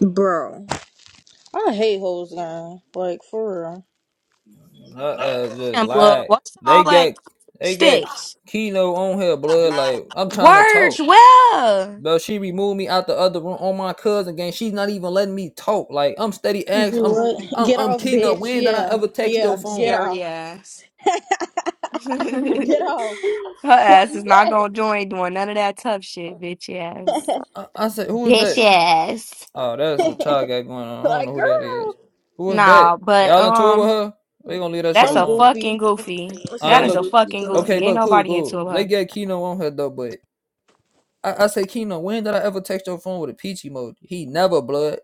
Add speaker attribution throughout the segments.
Speaker 1: Bro, I hate hoes, gang. Like for real.
Speaker 2: I uh, just
Speaker 3: Damn, blood.
Speaker 2: like
Speaker 3: What's
Speaker 2: they
Speaker 3: all that
Speaker 2: got they got
Speaker 3: sticks?
Speaker 2: Keno on her blood. Like I'm trying to
Speaker 3: Words,
Speaker 2: talk,
Speaker 3: well.
Speaker 2: but she removed me out the other room on my cousin game. She's not even letting me talk. Like I'm steady ask. I'm
Speaker 1: What?
Speaker 2: I'm
Speaker 1: Get
Speaker 2: I'm
Speaker 1: off,
Speaker 2: Keno.
Speaker 1: bitch.
Speaker 2: When did I
Speaker 1: Yeah,
Speaker 2: ever text your
Speaker 1: yeah. Get
Speaker 2: phone?
Speaker 3: Scary
Speaker 1: off.
Speaker 3: ass. Her
Speaker 1: Get off.
Speaker 3: ass is
Speaker 1: Like,
Speaker 3: not gonna join doing none of that tough shit, bitch ass.
Speaker 2: I, I said who is
Speaker 3: Bitch
Speaker 2: that?
Speaker 3: ass.
Speaker 2: Oh, that's what y'all got going on. I don't know
Speaker 1: like
Speaker 2: who that
Speaker 1: girl.
Speaker 2: is. Who is
Speaker 3: Nah,
Speaker 2: that?
Speaker 3: but
Speaker 2: Y'all in tour with
Speaker 3: um,
Speaker 2: her? We gonna leave that shit
Speaker 3: that's
Speaker 1: Some
Speaker 3: a
Speaker 2: alone.
Speaker 1: goofy.
Speaker 3: fucking goofy.
Speaker 2: All
Speaker 3: That
Speaker 2: right,
Speaker 1: Some
Speaker 3: is a
Speaker 2: look.
Speaker 1: goofy
Speaker 3: fucking
Speaker 2: Okay,
Speaker 3: goofy.
Speaker 1: girl.
Speaker 3: Ain't
Speaker 2: look, cool,
Speaker 3: nobody
Speaker 2: cool.
Speaker 3: into
Speaker 2: They
Speaker 3: her.
Speaker 2: got Keno on her though, but I, I say, Keno, when did I ever text your phone with a peach emoji? He never blood.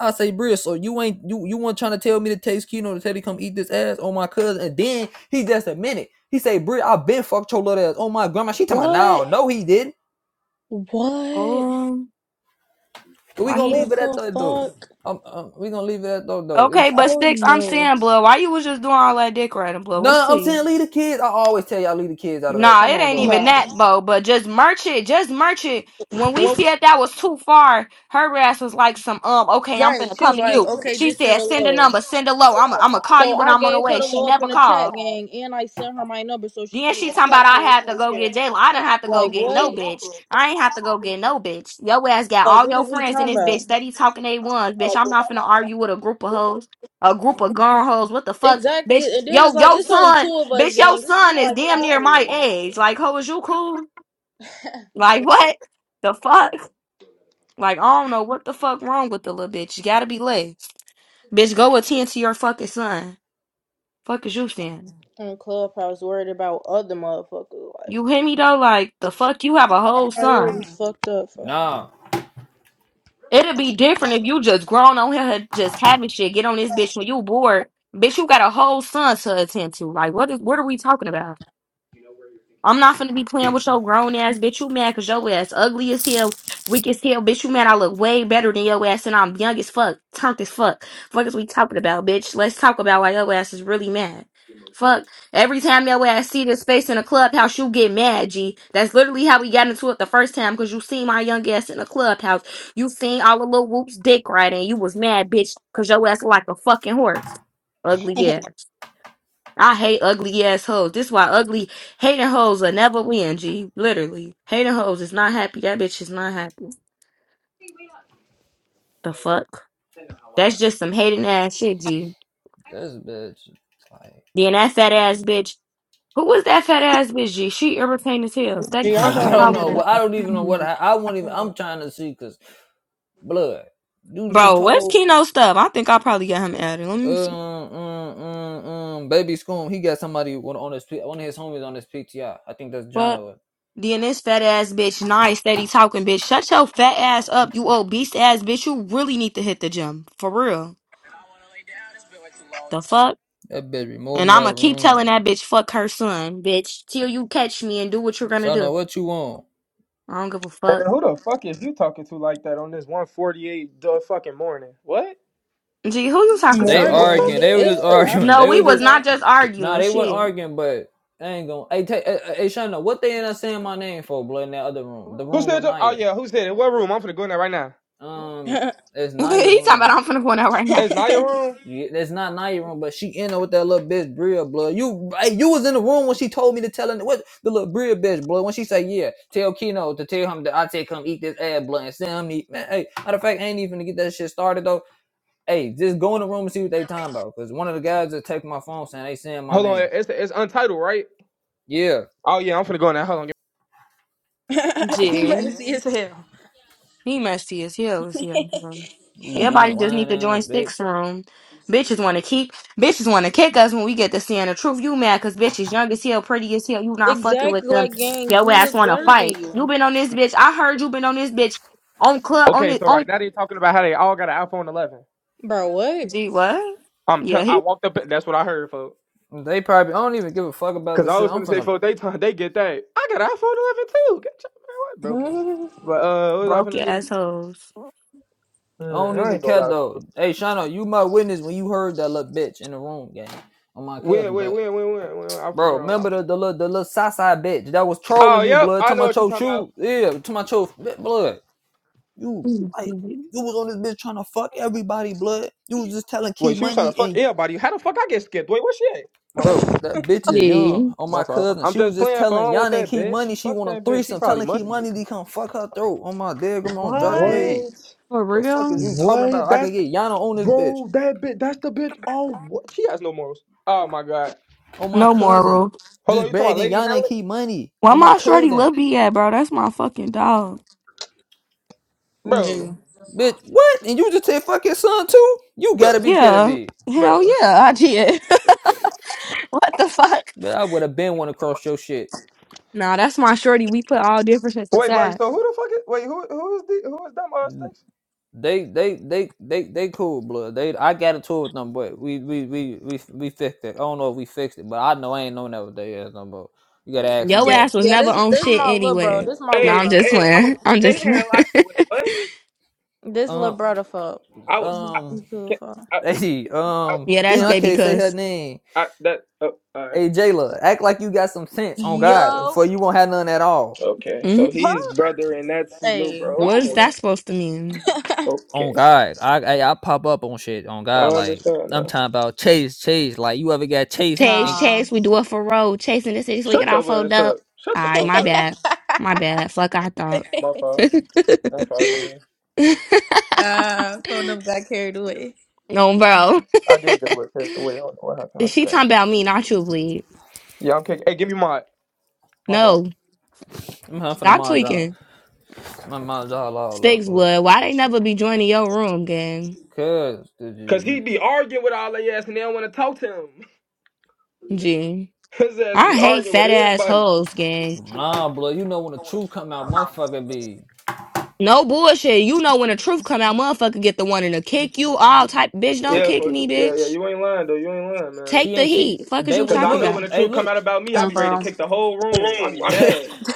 Speaker 2: I say, Bria, so you ain't you you want trying to tell me to text Keno to tell you come eat this ass on my cousin, and then he just admitted, He say, Bria, I been fucked your little ass on my grandma. She talking
Speaker 1: What?
Speaker 2: about, no, no, he didn't.
Speaker 1: What?
Speaker 3: Oh,
Speaker 2: But we
Speaker 3: why
Speaker 2: gonna
Speaker 3: he?
Speaker 1: What
Speaker 2: leave it at
Speaker 1: the
Speaker 2: that though.
Speaker 1: fuck?
Speaker 2: Um, um, we gonna leave it at though though.
Speaker 3: Okay,
Speaker 2: It's
Speaker 3: but
Speaker 1: Oh
Speaker 3: sticks, I'm
Speaker 1: no,
Speaker 3: saying, blood. Why you was just doing all that dick riding, blood?
Speaker 2: no,
Speaker 3: What's
Speaker 2: nah,
Speaker 3: to
Speaker 2: I'm
Speaker 3: you?
Speaker 2: saying leave the kids. I always tell y'all leave the kids out of that.
Speaker 3: Nah,
Speaker 2: Come
Speaker 3: it
Speaker 2: on
Speaker 3: ain't
Speaker 2: though.
Speaker 3: even
Speaker 1: bro.
Speaker 3: that, Bo. But just merch it, just merch it. When we said that was too far, her ass was like some um. Okay, I'm
Speaker 1: Right?
Speaker 3: finna
Speaker 1: She
Speaker 3: come
Speaker 1: was
Speaker 3: to
Speaker 1: like,
Speaker 3: you.
Speaker 1: okay,
Speaker 3: She
Speaker 1: just send
Speaker 3: said,
Speaker 1: a
Speaker 3: send a
Speaker 1: low.
Speaker 3: number, send a low. I'm i I'm gonna call
Speaker 1: So
Speaker 3: you when
Speaker 1: I
Speaker 3: I'm on the
Speaker 1: gave her
Speaker 3: way.
Speaker 1: the
Speaker 3: She
Speaker 1: low up
Speaker 3: never
Speaker 1: in the chat,
Speaker 3: called.
Speaker 1: gang, and I sent her my number so she
Speaker 3: Then
Speaker 1: can
Speaker 3: she
Speaker 1: even
Speaker 3: talking about
Speaker 1: text me
Speaker 3: I
Speaker 1: when she
Speaker 3: had to
Speaker 1: was
Speaker 3: go
Speaker 1: here.
Speaker 3: get Jayla. I didn't have to go
Speaker 1: Like
Speaker 3: get
Speaker 1: what?
Speaker 3: no bitch. I ain't have to go get no bitch. Yo ass got
Speaker 1: Like
Speaker 3: all
Speaker 1: what
Speaker 3: your
Speaker 1: is we
Speaker 3: friends in
Speaker 1: talking
Speaker 3: this
Speaker 1: about?
Speaker 3: bitch. Steady talking they ones, bitch. I'm not finna argue with a group of hoes. A group of gone hoes. What the fuck,
Speaker 1: Exactly,
Speaker 3: bitch?
Speaker 1: and then it's
Speaker 3: Yo,
Speaker 1: like
Speaker 3: yo
Speaker 1: it's only
Speaker 3: son,
Speaker 1: two of us,
Speaker 3: bitch, your
Speaker 1: gang. It's really
Speaker 3: son is
Speaker 1: like
Speaker 3: damn
Speaker 1: five
Speaker 3: near
Speaker 1: of
Speaker 3: my
Speaker 1: them.
Speaker 3: age. Like, hoe, is you cool? Like what the fuck? Like I don't know what the fuck wrong with the little bitch. You gotta be lit, bitch. Go attend to your fucking son. Fuck is you saying?
Speaker 1: On Clubhouse, worried about other motherfuckers. Like,
Speaker 3: You hear me though? Like the fuck, you have a whole
Speaker 1: I
Speaker 3: son.
Speaker 1: already fucked up, fam.
Speaker 2: Nah,
Speaker 3: It'd be different if you just grown on here, just having shit. Get on this bitch when you bored, bitch. You got a whole son to attend to. Like what? Is, what are we talking about? I'm not finna be playing with your grown ass bitch. You mad cause your ass ugly as hell, weak as hell, bitch. You mad I look way better than your ass and I'm young as fuck, turned as fuck. Fuck is we talking about, bitch. Let's talk about why your ass is really mad. Fuck. Every time your ass see this face in a clubhouse, you get mad, G. That's literally how we got into it the first time, cause you seen my young ass in the clubhouse. You seen all the little whoops dick riding. You was mad, bitch, cause your ass look like a fucking horse. Ugly ass. I hate ugly ass hoes. This why ugly hating hoes will never win, G. Literally. Hating hoes is not happy. That bitch is not happy. The fuck? That's just some hating ass shit, G.
Speaker 2: this bitch. Like,
Speaker 3: Then that fat ass bitch. Who was that fat ass bitch, G? She irritating as hell.
Speaker 1: Gee,
Speaker 3: Steady
Speaker 1: I
Speaker 2: I
Speaker 3: fucking
Speaker 1: don't
Speaker 2: don't
Speaker 3: talking.
Speaker 1: even
Speaker 2: know.
Speaker 1: know.
Speaker 2: I don't even know what I, I won't even. I'm trying to see because. blood. You just
Speaker 3: Bro, where's
Speaker 2: told
Speaker 3: Keno stuff? I think I probably got him added. Let me
Speaker 2: um
Speaker 3: see.
Speaker 2: um um, um baby Scoom he got somebody one on his one of his homies on his PTI. I I think that's
Speaker 3: What?
Speaker 2: Jono.
Speaker 3: Then this fat ass bitch, nice, steady talking bitch. Shut your fat ass up, you obese ass bitch. You really need to hit the gym. For real. The fuck?
Speaker 2: That baby moved
Speaker 3: And
Speaker 2: me
Speaker 3: I'm
Speaker 2: out
Speaker 3: gonna
Speaker 2: of the
Speaker 3: keep telling
Speaker 2: room.
Speaker 3: that bitch, fuck her son, bitch, till you catch me and do what you're gonna
Speaker 2: Jono,
Speaker 3: do.
Speaker 2: what you want?
Speaker 3: I don't give a fuck.
Speaker 4: And who the fuck is you talking to like that on this 148 the fucking morning? What?
Speaker 3: Gee, who you talking
Speaker 2: They
Speaker 3: to?
Speaker 4: I'm
Speaker 2: arguing.
Speaker 4: talking
Speaker 1: Morning.
Speaker 2: They
Speaker 4: to
Speaker 2: were
Speaker 1: It's
Speaker 2: just
Speaker 1: the
Speaker 4: you.
Speaker 2: arguing.
Speaker 3: No,
Speaker 2: They
Speaker 3: we
Speaker 2: were
Speaker 1: afternoon,
Speaker 3: was
Speaker 2: just
Speaker 3: not
Speaker 1: fam.
Speaker 3: just
Speaker 2: nah.
Speaker 3: arguing.
Speaker 2: They weren't
Speaker 3: Shit.
Speaker 2: arguing, but they ain't gonna. Hey, take, hey, hey Shana, what they end up saying my name for? Blood in that other room, the
Speaker 4: Who
Speaker 2: room
Speaker 4: said?
Speaker 2: with
Speaker 4: Oh
Speaker 2: Naya.
Speaker 4: yeah, who said? In What room? I'm finna go in there right now.
Speaker 2: Um, it's Naya
Speaker 3: he talking about
Speaker 2: room.
Speaker 3: I'm finna go out right now.
Speaker 4: It's not your room.
Speaker 2: Yeah, that's not Nia room, but she in there with that little bitch Bria blood. You hey, you was in the room when she told me to tell her what the little Bria bitch blood when she say yeah, tell Keno to tell him that I take him eat this ad blood and send him to eat man. Hey, matter of fact, I ain't even to get that shit started though. Hey, just go in the room and see what they talking about. Cause one of the guys that take my phone saying they saying my
Speaker 4: Hold on,
Speaker 2: name.
Speaker 4: it's it's untitled, right?
Speaker 2: Yeah,
Speaker 4: Oh yeah, I'm finna go in there. Hold on.
Speaker 1: you
Speaker 3: Gee,
Speaker 1: messy as hell.
Speaker 3: he messy as hell. Is here.
Speaker 2: you young
Speaker 3: Everybody just need
Speaker 2: lying
Speaker 3: to join
Speaker 2: ass bitch.
Speaker 3: Sticks Room. Bitches want to keep, bitches want to kick us when we get to seeing the truth. You mad because bitches young as hell, pretty as hell. You not fucking
Speaker 1: Exactly,
Speaker 3: with them.
Speaker 1: like, gang,
Speaker 3: Your
Speaker 1: we
Speaker 3: ass
Speaker 1: look
Speaker 3: want to
Speaker 1: better than
Speaker 3: fight. You
Speaker 1: you.
Speaker 3: been on this bitch. I heard you been on this bitch on club on
Speaker 4: Okay, so
Speaker 3: it.
Speaker 4: right now they talking about how they all got an iPhone 11.
Speaker 1: Bro, what?
Speaker 3: Gee, what?
Speaker 4: I'm t-
Speaker 3: Yeah,
Speaker 4: I
Speaker 3: he
Speaker 4: walked up. That's what I heard, folks.
Speaker 2: They probably I don't even give a fuck about
Speaker 4: Cause
Speaker 2: this
Speaker 4: I
Speaker 2: shit.
Speaker 4: was
Speaker 2: I'm
Speaker 4: finna say,
Speaker 2: finna
Speaker 4: folks, they t- they get that. I got an iPhone 11 too. Get your man, what broken?
Speaker 1: Hmm?
Speaker 4: But uh, what was I
Speaker 3: broke
Speaker 4: finna
Speaker 3: your
Speaker 4: say?
Speaker 3: assholes.
Speaker 2: I don't
Speaker 4: Hmm, I
Speaker 2: even
Speaker 4: ain't gonna
Speaker 2: care
Speaker 4: lie.
Speaker 2: though.
Speaker 4: Folks.
Speaker 2: Hey Shano, you my witness when you heard that little bitch in the room, gang on my
Speaker 4: Win,
Speaker 2: cousin,
Speaker 4: win,
Speaker 2: but
Speaker 4: win, win, win, win. I
Speaker 2: Bro,
Speaker 4: forgot.
Speaker 2: remember the the little the little side bitch that was
Speaker 4: Oh,
Speaker 2: trolling you,
Speaker 4: yep.
Speaker 2: blood.
Speaker 4: I
Speaker 2: Talking
Speaker 4: know
Speaker 2: about
Speaker 4: what you're
Speaker 2: your
Speaker 4: talking about.
Speaker 2: shoes, yeah. Talking about your blood. You like
Speaker 3: Yeah.
Speaker 2: you was on this bitch trying to fuck everybody, blood. You was just telling Key
Speaker 4: Wait, she was trying to
Speaker 2: Money
Speaker 4: fuck
Speaker 2: and
Speaker 4: everybody. How the fuck I get skipped? Wait, where she at? My fault.
Speaker 2: bro, that bitch is young. On
Speaker 4: My
Speaker 2: my
Speaker 4: fault.
Speaker 2: cousin,
Speaker 4: I'm
Speaker 2: she was
Speaker 4: just
Speaker 2: just
Speaker 4: playing for. I
Speaker 2: telling
Speaker 4: don't want
Speaker 2: Yana and
Speaker 4: that
Speaker 2: Key
Speaker 4: bitch.
Speaker 2: Money she
Speaker 4: Fuck
Speaker 2: want a
Speaker 4: that bitch. She
Speaker 2: threesome.
Speaker 4: probably
Speaker 2: Telling Key
Speaker 4: musty.
Speaker 2: Money to come fuck her throat. On my dead grandma, on Josh
Speaker 1: What?
Speaker 2: Grade.
Speaker 4: What?
Speaker 3: For
Speaker 2: The fuck is
Speaker 3: real?
Speaker 2: you talking
Speaker 4: What?
Speaker 2: about? I
Speaker 4: That's
Speaker 2: can get Yana on this bitch.
Speaker 4: bro. That bitch. That's the bitch. Oh, what? She has no morals. Oh my god.
Speaker 2: On my
Speaker 3: No
Speaker 2: cousin,
Speaker 3: moral.
Speaker 4: Hold on. You
Speaker 2: just
Speaker 4: talking about
Speaker 2: begging
Speaker 4: Lady
Speaker 2: Yana and
Speaker 4: Hallett?
Speaker 2: Key Money.
Speaker 3: Why
Speaker 2: On my
Speaker 3: my shorty
Speaker 2: cousin.
Speaker 3: Lil B at, bro? That's my fucking dog.
Speaker 4: Bro.
Speaker 1: Gee.
Speaker 2: Bitch, what? And you just said fuck your son too? You
Speaker 4: Bro.
Speaker 2: gotta be kidding
Speaker 3: Yeah.
Speaker 2: me.
Speaker 4: Bro.
Speaker 3: Hell yeah, I did. what the fuck?
Speaker 2: But I would have been one across your shit.
Speaker 3: Nah, that's my shorty. We put all differences
Speaker 4: Wait, like,
Speaker 3: aside.
Speaker 4: so who the fuck is? Wait, who who is the who is that? uh station?
Speaker 2: They they they they they cool, blood. They I got into it with them, but we we we we we fixed it. I don't know if we fixed it, but I know I ain't known that with they ass no more. You gotta ask
Speaker 3: Yo
Speaker 2: them
Speaker 1: Yeah.
Speaker 3: ass
Speaker 2: that.
Speaker 3: was
Speaker 1: Yeah,
Speaker 3: never
Speaker 1: this
Speaker 3: on
Speaker 1: this
Speaker 3: shit
Speaker 1: my little bro.
Speaker 3: anyway.
Speaker 1: This my
Speaker 3: No,
Speaker 1: little
Speaker 3: I'm
Speaker 4: Hey,
Speaker 3: just
Speaker 4: hey,
Speaker 1: bro,
Speaker 4: I'm
Speaker 3: playing. I'm just playing.
Speaker 4: saying like, wait, what?
Speaker 1: fam. This little
Speaker 2: Um
Speaker 1: brother, fuck.
Speaker 4: I would. I,
Speaker 2: um
Speaker 1: You
Speaker 4: can't-
Speaker 1: cool,
Speaker 4: I,
Speaker 2: hey
Speaker 4: I,
Speaker 2: um
Speaker 3: yeah, that's
Speaker 2: damn I
Speaker 3: baby
Speaker 2: can't say her
Speaker 3: cuz.
Speaker 2: name.
Speaker 4: I that. Oh, alright.
Speaker 2: Hey Jayla, act like you got some sense on
Speaker 4: Okay.
Speaker 2: God,
Speaker 1: Yo,
Speaker 2: for you won't have none at all.
Speaker 4: Okay.
Speaker 3: hmm
Speaker 4: So
Speaker 1: fuck.
Speaker 4: he's brother and that's his little
Speaker 1: Hey, go
Speaker 4: bro.
Speaker 1: on
Speaker 3: What's
Speaker 4: Okay.
Speaker 3: that
Speaker 1: here.
Speaker 3: supposed to mean?
Speaker 2: on
Speaker 4: Okay.
Speaker 2: God, I, I I pop up on shit on
Speaker 4: I
Speaker 2: God. Like
Speaker 4: understand
Speaker 2: I'm
Speaker 4: now.
Speaker 2: talking about chase, chase. Like you ever got chased?
Speaker 3: Chase,
Speaker 2: And
Speaker 1: Nah.
Speaker 3: Chase, we do it for road. Chasing the city so we get
Speaker 4: Shut
Speaker 3: all
Speaker 4: your
Speaker 3: fold
Speaker 4: ass up.
Speaker 3: up.
Speaker 4: Shut
Speaker 3: All
Speaker 4: the
Speaker 3: right,
Speaker 4: fuck
Speaker 3: my
Speaker 4: up.
Speaker 3: bad. My bad. Fuck, I thought.
Speaker 4: My fault. My fault, Nina.
Speaker 1: uh, phone up got carried away.
Speaker 3: no, bro.
Speaker 4: I did get away carried away. I don't know what happened. I just
Speaker 3: she
Speaker 4: can't.
Speaker 3: talking about me, not you, bleed.
Speaker 4: Yeah, I'm kicking. Hey, give me my my fault.
Speaker 3: No,
Speaker 2: I'm huffing the
Speaker 3: stop
Speaker 2: my job,
Speaker 3: tweaking.
Speaker 2: my my job all up,
Speaker 3: Sticks
Speaker 2: blood.
Speaker 3: would. Why they never be joining your room, gang?
Speaker 2: Cause did
Speaker 4: Cause he
Speaker 2: you,
Speaker 4: be arguing with all their ass and they don't want to talk to him.
Speaker 3: Gee.
Speaker 4: His ass
Speaker 3: I
Speaker 4: be
Speaker 3: hate
Speaker 4: arguing with
Speaker 3: fat ass
Speaker 4: everybody.
Speaker 3: hoes, gang.
Speaker 2: nah, blood. You know when the truth come out, motherfucker, be
Speaker 3: No bullshit. You know when the truth come out, motherfucker get the one to kick you all type. Bitch, don't
Speaker 4: Yeah,
Speaker 3: kick
Speaker 4: for
Speaker 3: me,
Speaker 4: yeah, yeah.
Speaker 3: bitch.
Speaker 4: You ain't lying though. You ain't lying, man.
Speaker 2: she
Speaker 3: Take the
Speaker 2: ain't she.
Speaker 3: heat. Fuck is
Speaker 2: They
Speaker 3: you
Speaker 2: was
Speaker 4: Cause I
Speaker 3: talking
Speaker 4: know
Speaker 2: look,
Speaker 4: when
Speaker 3: about?
Speaker 4: the
Speaker 2: hey
Speaker 4: truth come
Speaker 2: look,
Speaker 4: out about me, I be
Speaker 1: Um,
Speaker 4: ready to
Speaker 1: bro.
Speaker 4: kick the whole room. I be
Speaker 2: hey
Speaker 4: mad.